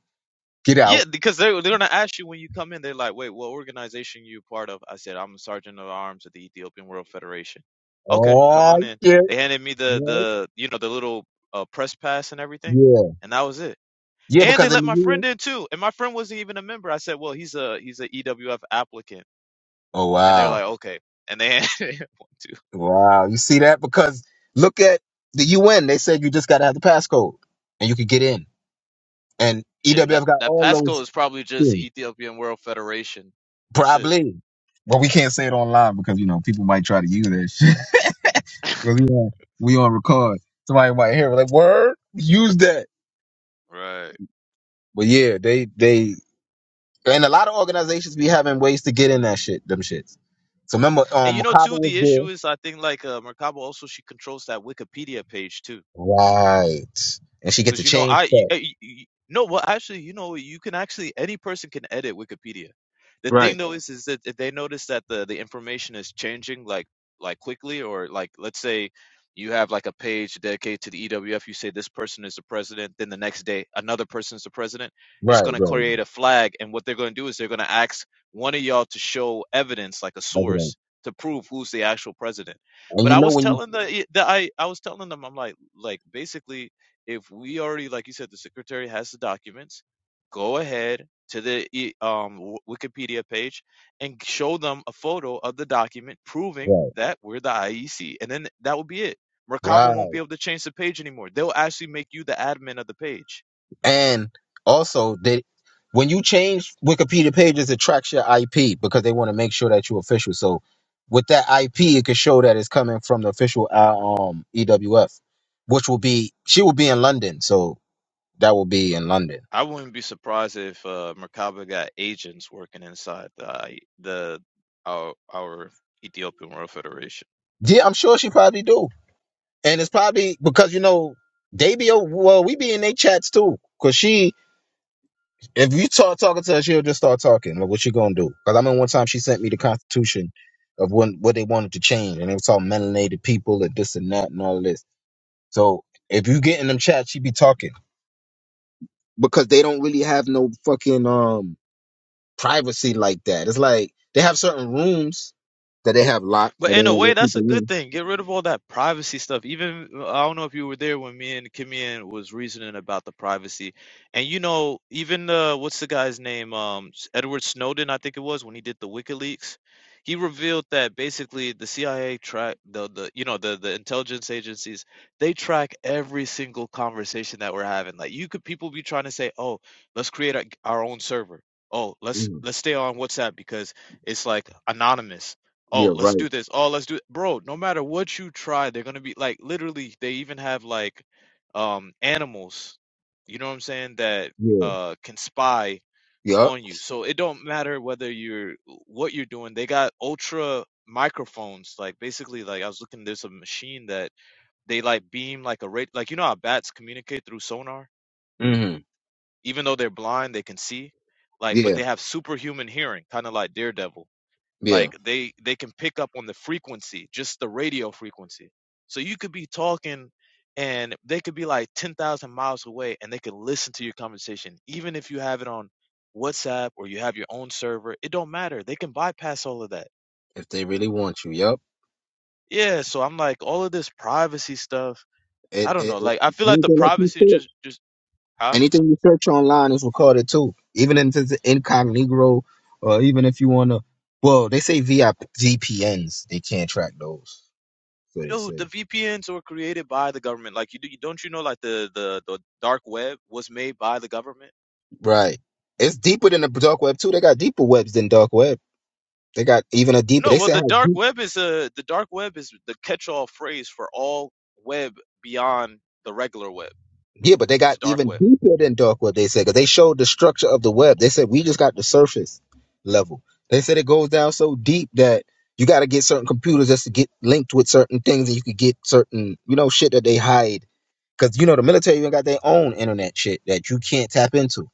Get out!"
Yeah, because they're they're gonna ask you when you come in. They're like, "Wait, what organization you part of?" I said, "I'm a sergeant of arms of the Ethiopian World Federation." Okay, come
Oh
on in.
shit.
They handed me the
Yeah,
the you know the little uh, press pass and everything,
yeah,
and that was it.
yeah.
And they
Because in
let
the
my
UN.
friend in too, and my friend wasn't even a member. I said, "Well, he's a he's a EWF applicant,"
Oh
and they're
wow.
like, "Okay." And they <laughs> handed him one too.
Wow. You see that? Because look at the UN. They said you just got to have the passcode and you could get in. And
Yeah, and that
EWF got
that
all
passcode
those
is probably just
things.
Ethiopian World Federation. That's it.
Probably. But we can't say it online because, you know, people might try to use that shit. <laughs>
<laughs>
'Cause we on, we on record. Somebody might hear it like, word, use that.
Right.
But yeah, they, they, and a lot of organizations be having ways to get in that shit, them shits. So remember,
And
um,
you know,
Macabre
too, the issue
was
is I think like uh, Merkaba also she controls that Wikipedia page too.
there. Right. And she gets
Because
a
you know,
change
I you,
set.
uh, you, you no, well, actually, you know, you can actually any person can edit Wikipedia. The thing
Right.
though is, is that if they notice that the the information is changing like like quickly, or like let's say you have like a page dedicated to the EWF. You say this person is the president, then the next day another person is the president. It's
Right,
going to
right.
create a flag, and what they're going to do is they're going to ask one of y'all to show evidence, like a
Like it
source,
ain't.
to prove who's the actual president.
And
But
you
I
know
was
when you
telling the, the I I was telling them, I'm like like basically if we already, like you said, the secretary has the documents, go ahead to the e- um, Wikipedia page and show them a photo of the document proving
Right.
that we're the IEC. And then that will be it. Merkaba
Right.
won't be able to change the page anymore. They'll actually make you the admin of the page.
And also they when you change Wikipedia pages, it tracks your IP because they want to make sure that you're official. So with that IP, it could show that it's coming from the official uh, um EWF, which will be she will be in London, so that will be in London.
I wouldn't be surprised if uh, Merkaba got agents working inside the I- the our, our Ethiopian World Federation.
Yeah, I'm sure she probably do, and it's probably because you know they be o- well, we be in their chats too, because she If you start talking to her, she'll just start talking. Like, what you gonna do? Because I remember one time she sent me the Constitution of when what they wanted to change, and it was all melanated people and this and that and all of this. So if you get in them chat, she be talking because they don't really have no fucking um privacy like that. It's like they have certain rooms that they have locked,
But
or they
in a
won't
way,
let
that's a
people
good
in.
thing. Get rid of all that privacy stuff. Even I don't know if you were there when me and Kimian was reasoning about the privacy, and you know, even uh, what's the guy's name? Um, S- Edward Snowden, I think it was when he did the WikiLeaks. He revealed that basically the CIA track the the you know the the intelligence agencies they track every single conversation that we're having. Like you could people be trying to say, oh, let's create a, our own server. Oh, let's
Mhm.
let's stay on WhatsApp because it's like anonymous oh
Yeah,
let's
right.
do this oh let's do it, bro no matter what you try they're gonna be like literally they even have like um animals you know what i'm saying that
Yeah.
uh can spy
Yup.
on you so it don't matter whether you're what you're doing they got ultra microphones like basically like i was looking there's a machine that they like beam like a rate like you know how bats communicate through sonar
hmm
even though they're blind they can see like but
Yeah.
they have superhuman hearing kind of like daredevil
Yeah.
like they they can pick up on the frequency just the radio frequency so you could be talking and they could be like 10,000 miles away and they could listen to your conversation even if you have it on WhatsApp or you have your own server it don't matter they can bypass all of that
If they really want you, yup.
yeah so I'm like all of this privacy stuff I
It,
don't know
it,
like I feel like the privacy
it,
just just huh
Anything you search online is recorded too. Even if it's incognito, or even if you want to, well, they say VIP, VPNs, they can't track those. So they
dude
say.
the VPNs were created by the government like you do don't you know like the the the dark web was made by the government
Right. It's deeper than the dark web too. They got deeper webs than dark web. They got even a deeper.
No,
They
well,
said
the
how
dark
deep.
web is a the dark web is the catch-all phrase for all web beyond the regular web.
Yeah, but they
It's
got
dark
even
web.
deeper than dark web. They said because they showed the structure of the web. They said we just got the surface level. They said it goes down so deep that you got to get certain computers just to get linked with certain things, and you could get certain you know shit that they hide Because you know the military even got their own internet shit that you can't tap into.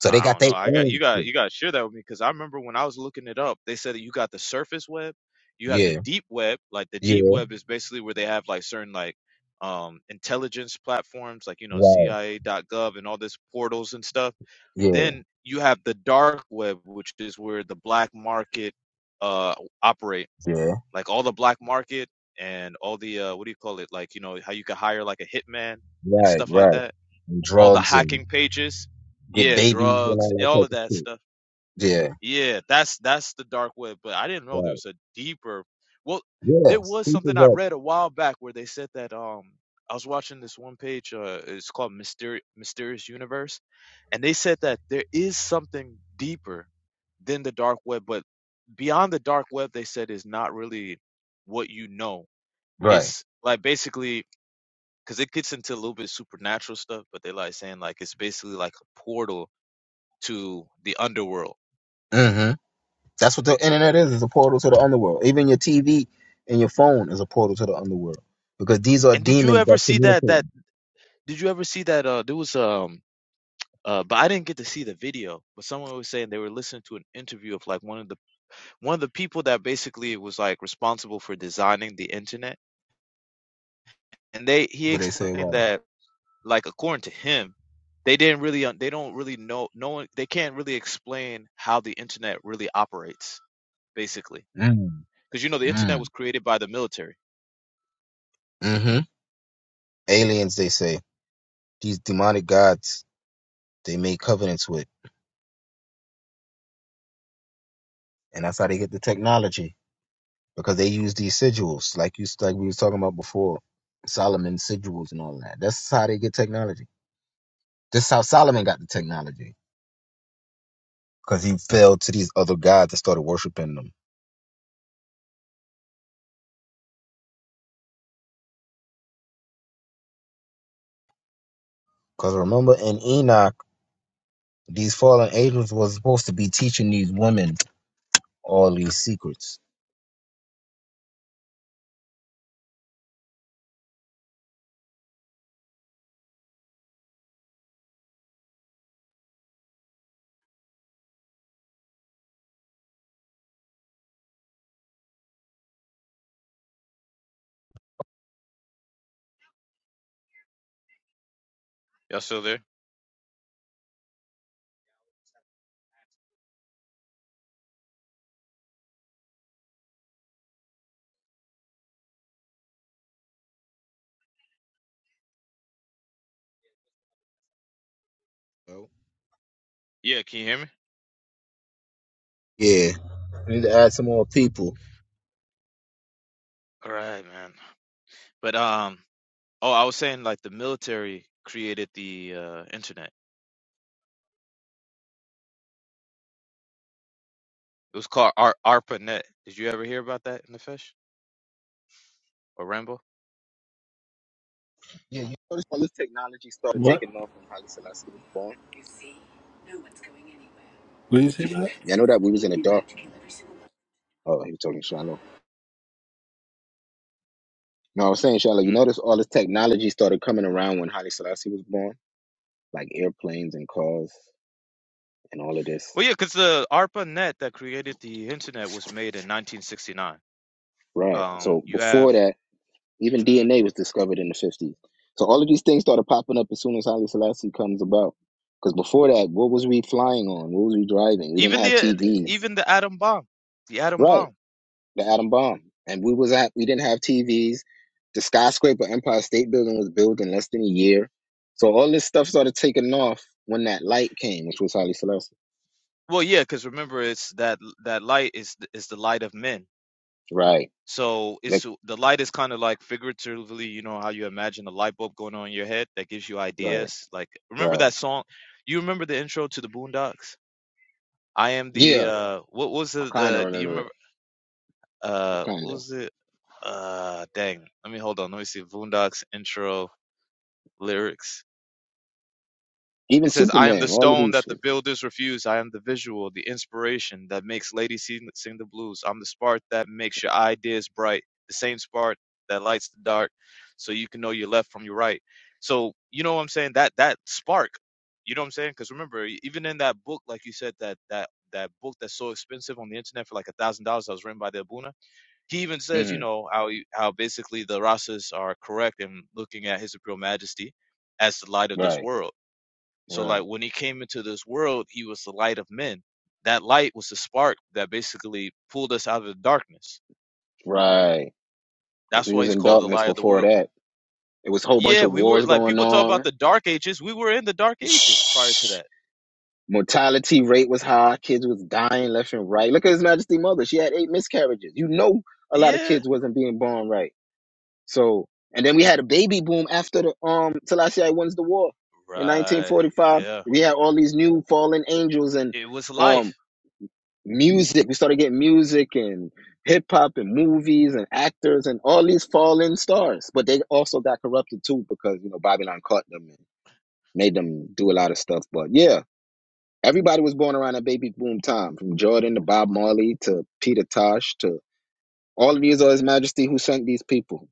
So they
I
got
don't know.
their
I got you
own
got
shit.
you got to share that with me because I remember when I was looking it up, they said that you got the surface web, you have the
Yeah.
deep web. Like the deep
Yeah.
web is basically where they have like certain like um intelligence platforms, like you know
Right.
CIA dot gov and all this portals and stuff.
Yeah.
Then you have the dark web, which is where the black market uh operate
Yeah.
like all the black market and all the uh, what do you call it like you know how you can hire like a hitman and
Right.
stuff like
Right.
that
And
all the
drugs and
hacking pages
get
yeah
babies and
drugs
all that
all
type
of
of
that
shit.
stuff
Yeah.
yeah that's that's the dark web but i didn't know there
Right.
was a deeper well there
Yes.
was something i
People's up.
read a while back where they said that um i was watching this one page uh it's called Mysteri- mysterious universe and they said that there is something deeper than the dark web, but beyond the dark web, they said is not really what you know.
Right.
It's like basically because it gets into a little bit supernatural stuff, but they like saying like it's basically like a portal to the underworld.
Mm-hmm. That's what the internet is, is a portal to the underworld. Even your TV and your phone is a portal to the underworld. Because these are
And did you
demons
ever
that
see that?
communicate
That did you ever see that? Uh, there was um. Uh, but I didn't get to see the video. But someone was saying they were listening to an interview of like one of the one of the people that basically was like responsible for designing the internet and they he
what they say
explained
about
that like according to him they didn't really they don't really know no one they can't really explain how the internet really operates basically
them.
because you know the
Mm.
internet was
Mm.
created by the military
Mm-hmm. Aliens, they say. These demonic gods They made covenants with, and that's how they get the technology because they use these sigils, like you like we was talking about before, Solomon sigils and all that. That's how they get technology. This is how Solomon got the technology because he fell to these other gods and started worshiping them. Because remember in Enoch, these fallen angels was supposed to be teaching these women all these secrets.
y'all still there
Oh.
yeah can you hear me
Yeah, we need to add some more people.
all right man but um oh i was saying like the military created the uh internet it was called Ar- arpanet did you ever hear about that in the fish or rambo
Yeah, you notice all this technology started
What?
taking off when Haile Selassie was born.
What did you say about
Yeah, I know that we was in the dark.
it?
Oh, he was talking Shiloh. No, I was saying, Shala, you
hmm?
notice all this technology started coming around when Haile Selassie was born, like airplanes and cars and all of this.
well yeah because the arpanet that created the internet was made in 1969
Right.
um
So
you have
before that, even DNA was discovered in the 50s. So all of these things started popping up as soon as Haile Selassie comes about. Because before that, what was we flying on? What was we driving? We didn't
Even
have
the
TVs.
even the atom bomb, the atom
Right.
bomb.
The atom bomb. And we was at, we didn't have TVs. The skyscraper Empire State Building was built in less than a year. So all this stuff started taking off when that light came, which was Haile Selassie.
Well, yeah, because remember, it's that that light is th- is the light of men.
Right.
So
Like,
it's uh, the light is kind of like figuratively, you know, how you imagine a light bulb going on in your head that gives you
right.
ideas. Like remember that
Right.
song? You remember the intro to the Boondocks? I am the
Yeah.
uh, what was
I
the,
kind of
the do you
remember it.
remember
I
uh
kind
what
of.
was it? Uh, dang. Let me hold on. Let me see Boondocks intro lyrics.
Even
It says, I am the
Superman, all of
stone
these
that the
shits.
builders refuse. I am the visual, the inspiration that makes ladies sing, sing the blues. I'm the spark that makes your ideas bright, the same spark that lights the dark so you can know your left from your right. So, you know what I'm saying? That that spark, you know what I'm saying? Because remember, e- even in that book, like you said, that that that book that's so expensive on the internet for like a thousand dollars that was written by the Abuna, he even says, you
Mm.
know, how he- how basically the Rasas are correct in looking at His Imperial Majesty as the light of this
Right.
world so like
Right.
when he came into this world, he was the light of men. That light was the spark that basically pulled us out of the darkness.
Right. 'Cause
That's
we
why
was
he's
in
called the
darkness
light of the
before
world.
that. It was a whole bunch
Yeah,
of
we were
wars
like
going
people talk about
on.
the dark ages. We were in the dark ages prior to that.
<sighs> Mortality rate was high. Kids was dying left and right. Look at His Majesty Mother. She had eight miscarriages. You know, a lot of
Yeah.
kids wasn't being born right. So, and then we had a baby boom after the um Selassie wins the war in
Right.
1945.
Yeah.
We had all these new fallen angels and
It was
um
life.
music. We started getting music and hip hop and movies and actors and all these fallen stars. But they also got corrupted too because you know Babylon caught them and made them do a lot of stuff. But yeah. Everybody was born around that baby boom time, from Jordan to Bob Marley to Peter Tosh to all of these are His Majesty who sent these people.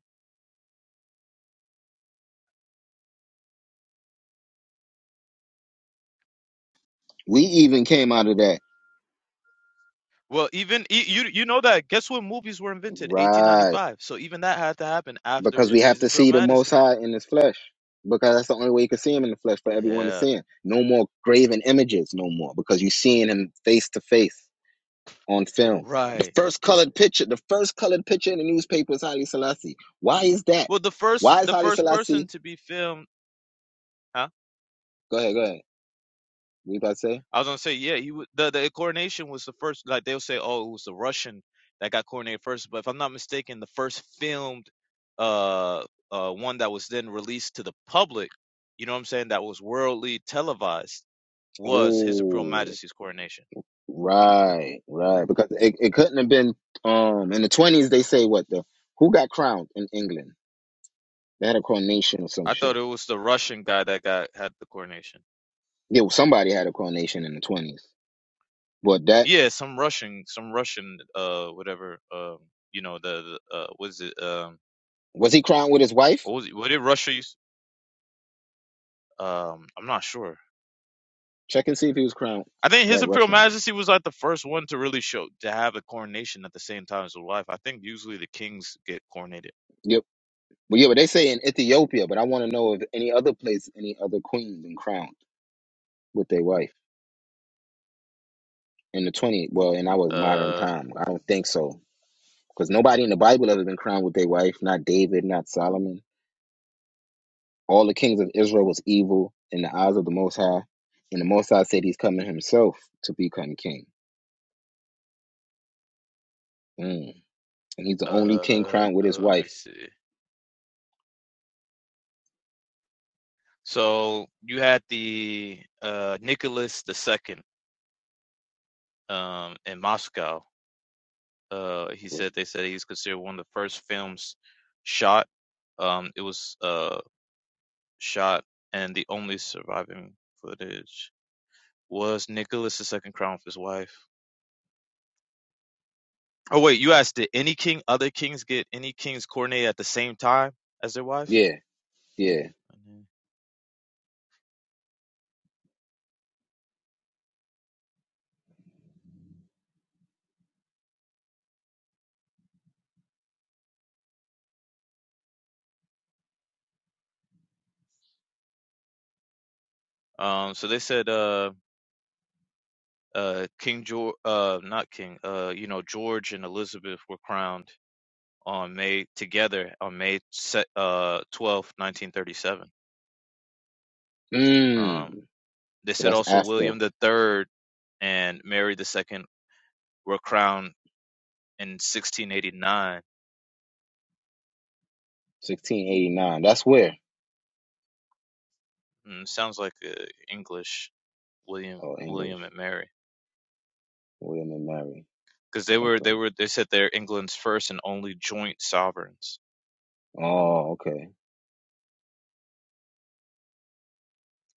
We even came out of that.
Well, even y- you you know that guess when movies were invented?
Right.
1895. So even that had to happen
Because
after
we have
his
to
imperial
see the Most
majesty.
High in his flesh. Because that's the only way you can see him in the flesh for everyone to
Yeah.
see him. No more graven images, no more. Because you're seeing him face to face on film. The
Right.
first colored picture, the first colored picture in the newspaper is Haile Selassie. Why is that?
Well, the first
Why is
the
Haile
first person
Selassie?
to be filmed, huh?
Go ahead, go ahead. What you about to say?
I was gonna say, yeah, he wa- the the coronation was the first. Like they'll say, oh, it was the Russian that got coronated first. But if I'm not mistaken, the first filmed, uh, uh, one that was then released to the public, you know what I'm saying, that was worldly televised, was His Imperial
Oh,
Majesty's coronation.
right, right. Because it, it couldn't have been um in the twenties. They say what the who got crowned in England? They had a coronation or some
I
shit.
thought it was the Russian guy that got had the coronation.
Yeah, well, somebody had a coronation in the twenties, but that
Yeah, some Russian, some Russian, uh, whatever, um, you know, the, the uh, was it, um,
was he crowned with his wife?
what was it, what did Russia use? Um, I'm not sure.
Check and see if he was crowned.
I think His
That
Imperial
Russian one.
Majesty was like the first one to really show to have a coronation at the same time as a wife. I think usually the kings get coronated.
Yep. Well, yeah, but they say in Ethiopia, but I want to know if any other place, any other queen been crowned with their wife in the twenty. Well, in our modern
Uh,
time, I don't think so, because nobody in the Bible ever been crowned with their wife. Not David, not Solomon. All the kings of Israel was evil in the eyes of the Most High, and the Most High said He's coming Himself to become king, mm. and He's the only king
uh, uh,
crowned with his
let me
wife.
see. So you had the uh, Nicholas II um, in Moscow. Uh, he
Was
said they said he's considered one of the first films shot. Um, it was uh, shot, and the only surviving footage was Nicholas II crown of his wife. Oh wait, you asked did any king, other kings get any king's coronet at the same time as their wife?
yeah. Yeah.
Mhm. Um, so they said, uh, uh, King George, uh, not King, uh, you know, George and Elizabeth were crowned on May together on May se- uh 12th, 1937.
Mm.
Um, they
So
said
that's
also
after
William the Third and Mary the Second were crowned in 1689.
1689. That's where?
Mm, sounds like uh, English William,
Oh, English.
William and Mary.
William and Mary.
because they were they
Okay.
were they said they're England's first and only joint sovereigns.
Oh, okay.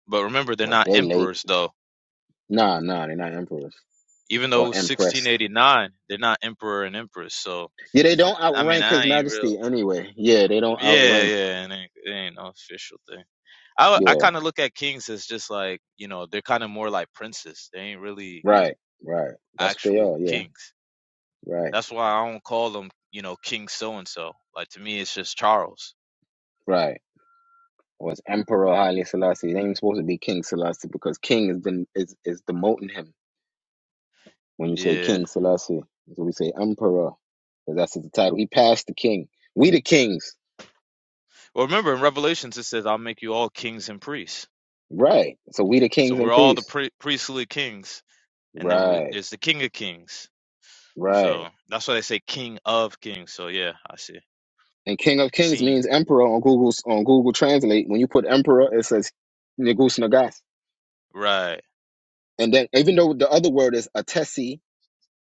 But remember, they're
But
not
they late.
emperors though.
Nah, nah, they're not emperors
Even though
or empress.
1689, they're not emperor and empress. So
Yeah, they don't
I mean,
outrank His
I ain't real.
Majesty anyway. Yeah, they don't
Yeah,
outrank.
yeah, it ain't, it ain't no official thing. I w- I
Yeah,
kind of look at kings as just like you know they're kind of more like princes. They ain't really
right, right. That's what they
actual
are. Yeah,
kings.
right,
That's why I don't call them you know King so and so. Like to me, it's just Charles.
right. Was Emperor Haile Selassie? They ain't supposed to be King Selassie because King has been is is demoting him. When you say
Yeah.
King Selassie, so we say Emperor, because that's the title. He passed the king. We the kings,
Well, remember in Revelations it says, "I'll make you all kings and priests."
right? So we the
So
kings and
we're all the
priests,
pri- priestly kings, and then we,
right?
there's the King of Kings.
Right.
So that's why they say King of Kings. So yeah, I see.
And King of Kings
Seen.
means Emperor on Google's on Google Translate. When you put Emperor, it says Negus Nagas.
Right.
And then even though the other word is Atesi,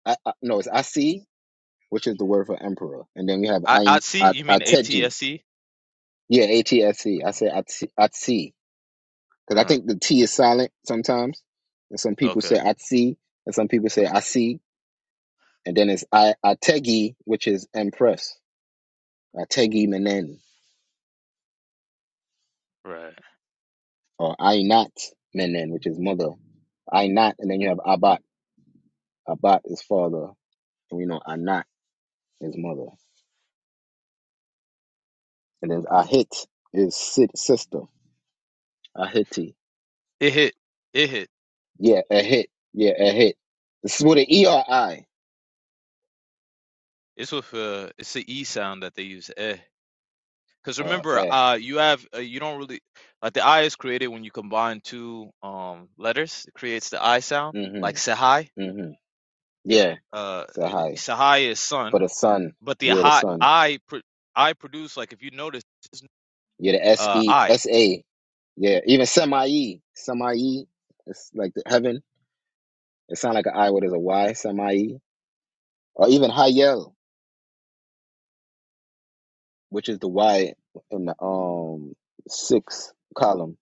I, I, no, it's Asi, which is the word for Emperor. And then we have
I I
Ain-
see.
At-
You mean A T
Ateji.
S E?
Yeah, A T S E. I say Atsi. because I
Uh.
think the T is silent sometimes, and some people
Okay.
say I see, and some people say I see, and then it's I ategi, which is empress, ategi menen,
Right.
or ainat menen, which is mother, ainat, and then you have abat, abat is father, and we know anat is mother, and then ahit is si- sister, ahiti,
It hit. It hit.
yeah, ahit, yeah, ahit. This is with an e or i,
It's with uh. It's the E sound that they use. Eh. Because
uh,
remember,
eh,
uh, you have uh, you don't really like the I is created when you combine two um letters. It creates the I sound,
mm-hmm,
like Sahai.
mm-hmm, yeah,
Uh,
so
it-
hi
Sahai is sun
for the son,
but the
yeah, the
high
son,
I pro, I produce like if you notice
Yeah, the S
uh
E
I
S A. Yeah, even Semai. Semai. It's like the heaven. It sounds like an I, what is a Y? Semai. Or even Hayel, which is the Y in the um sixth column.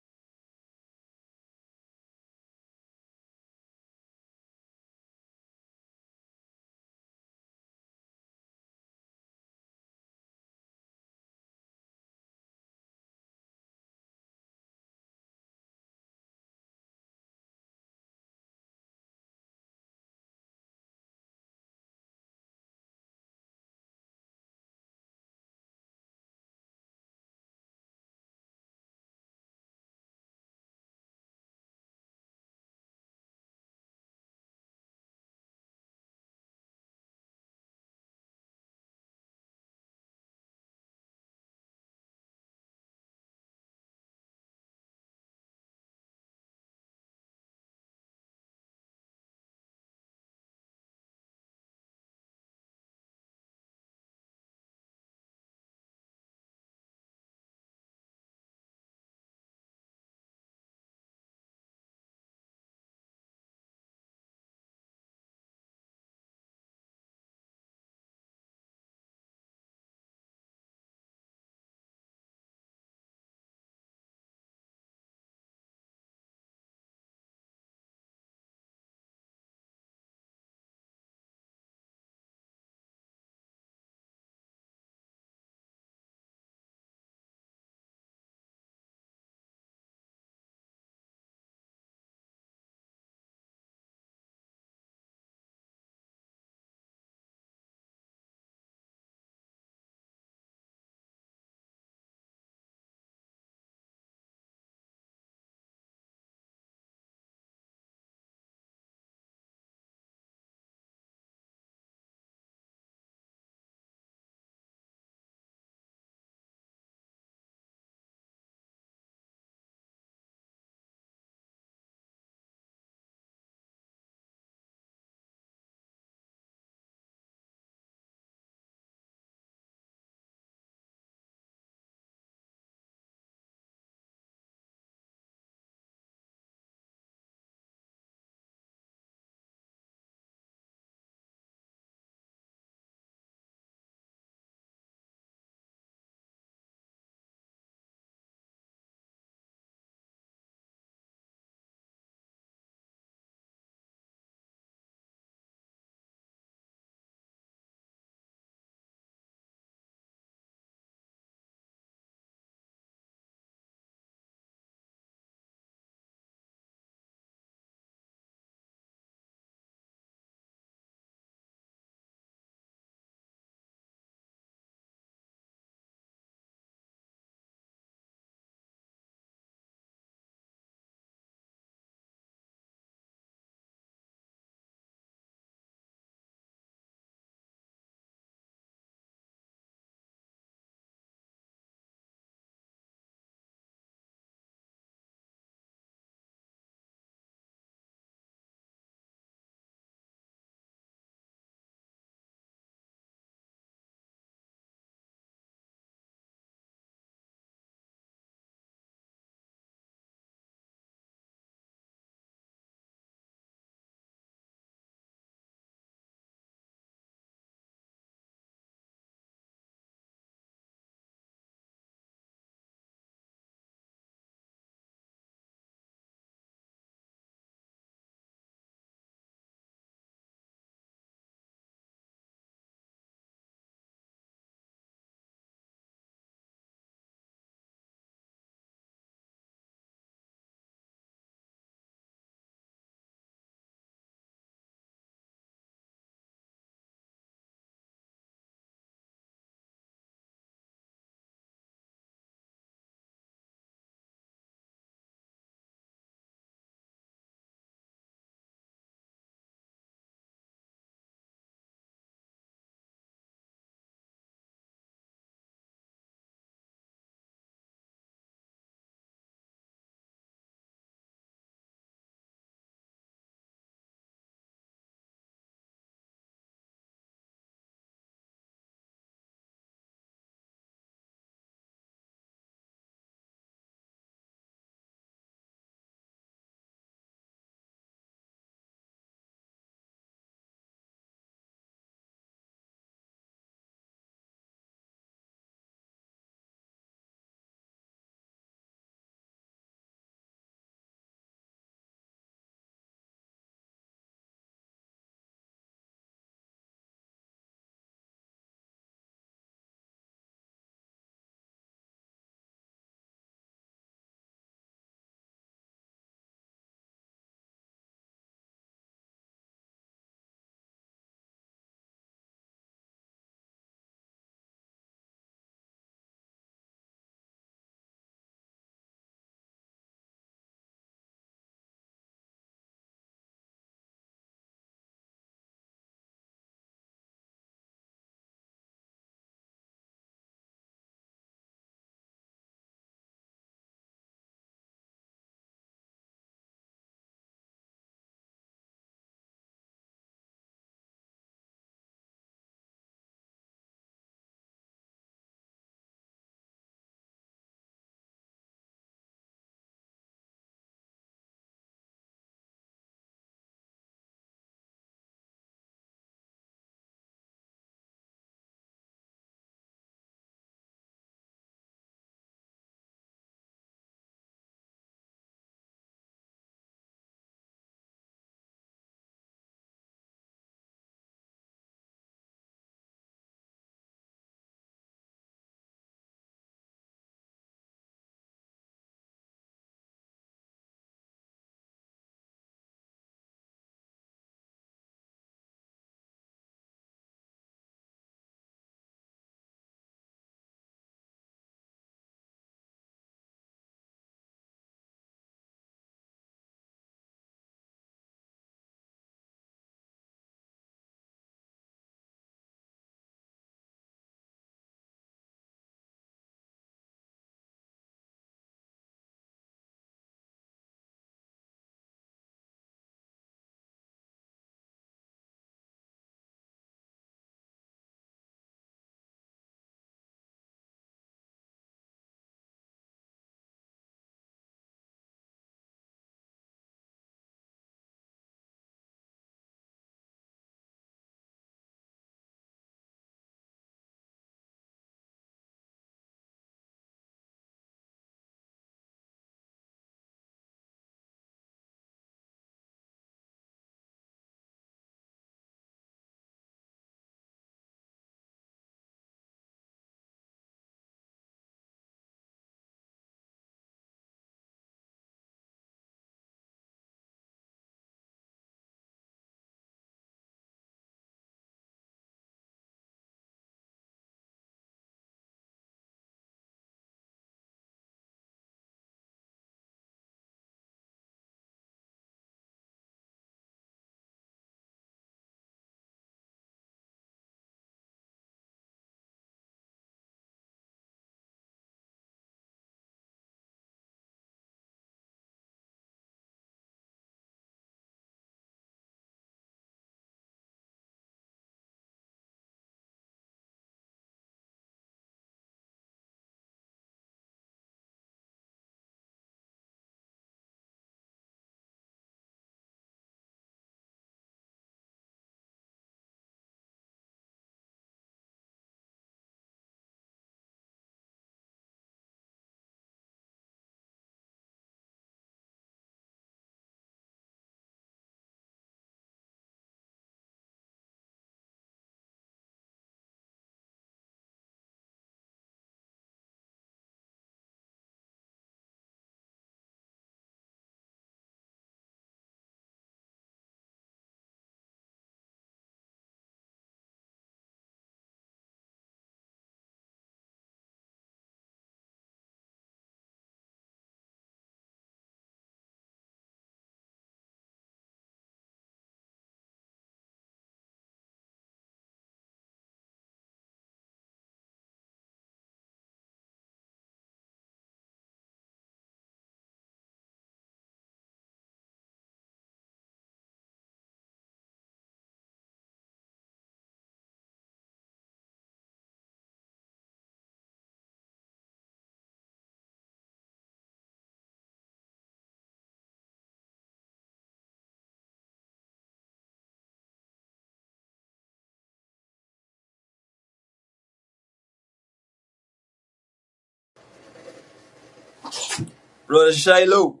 Rashalo.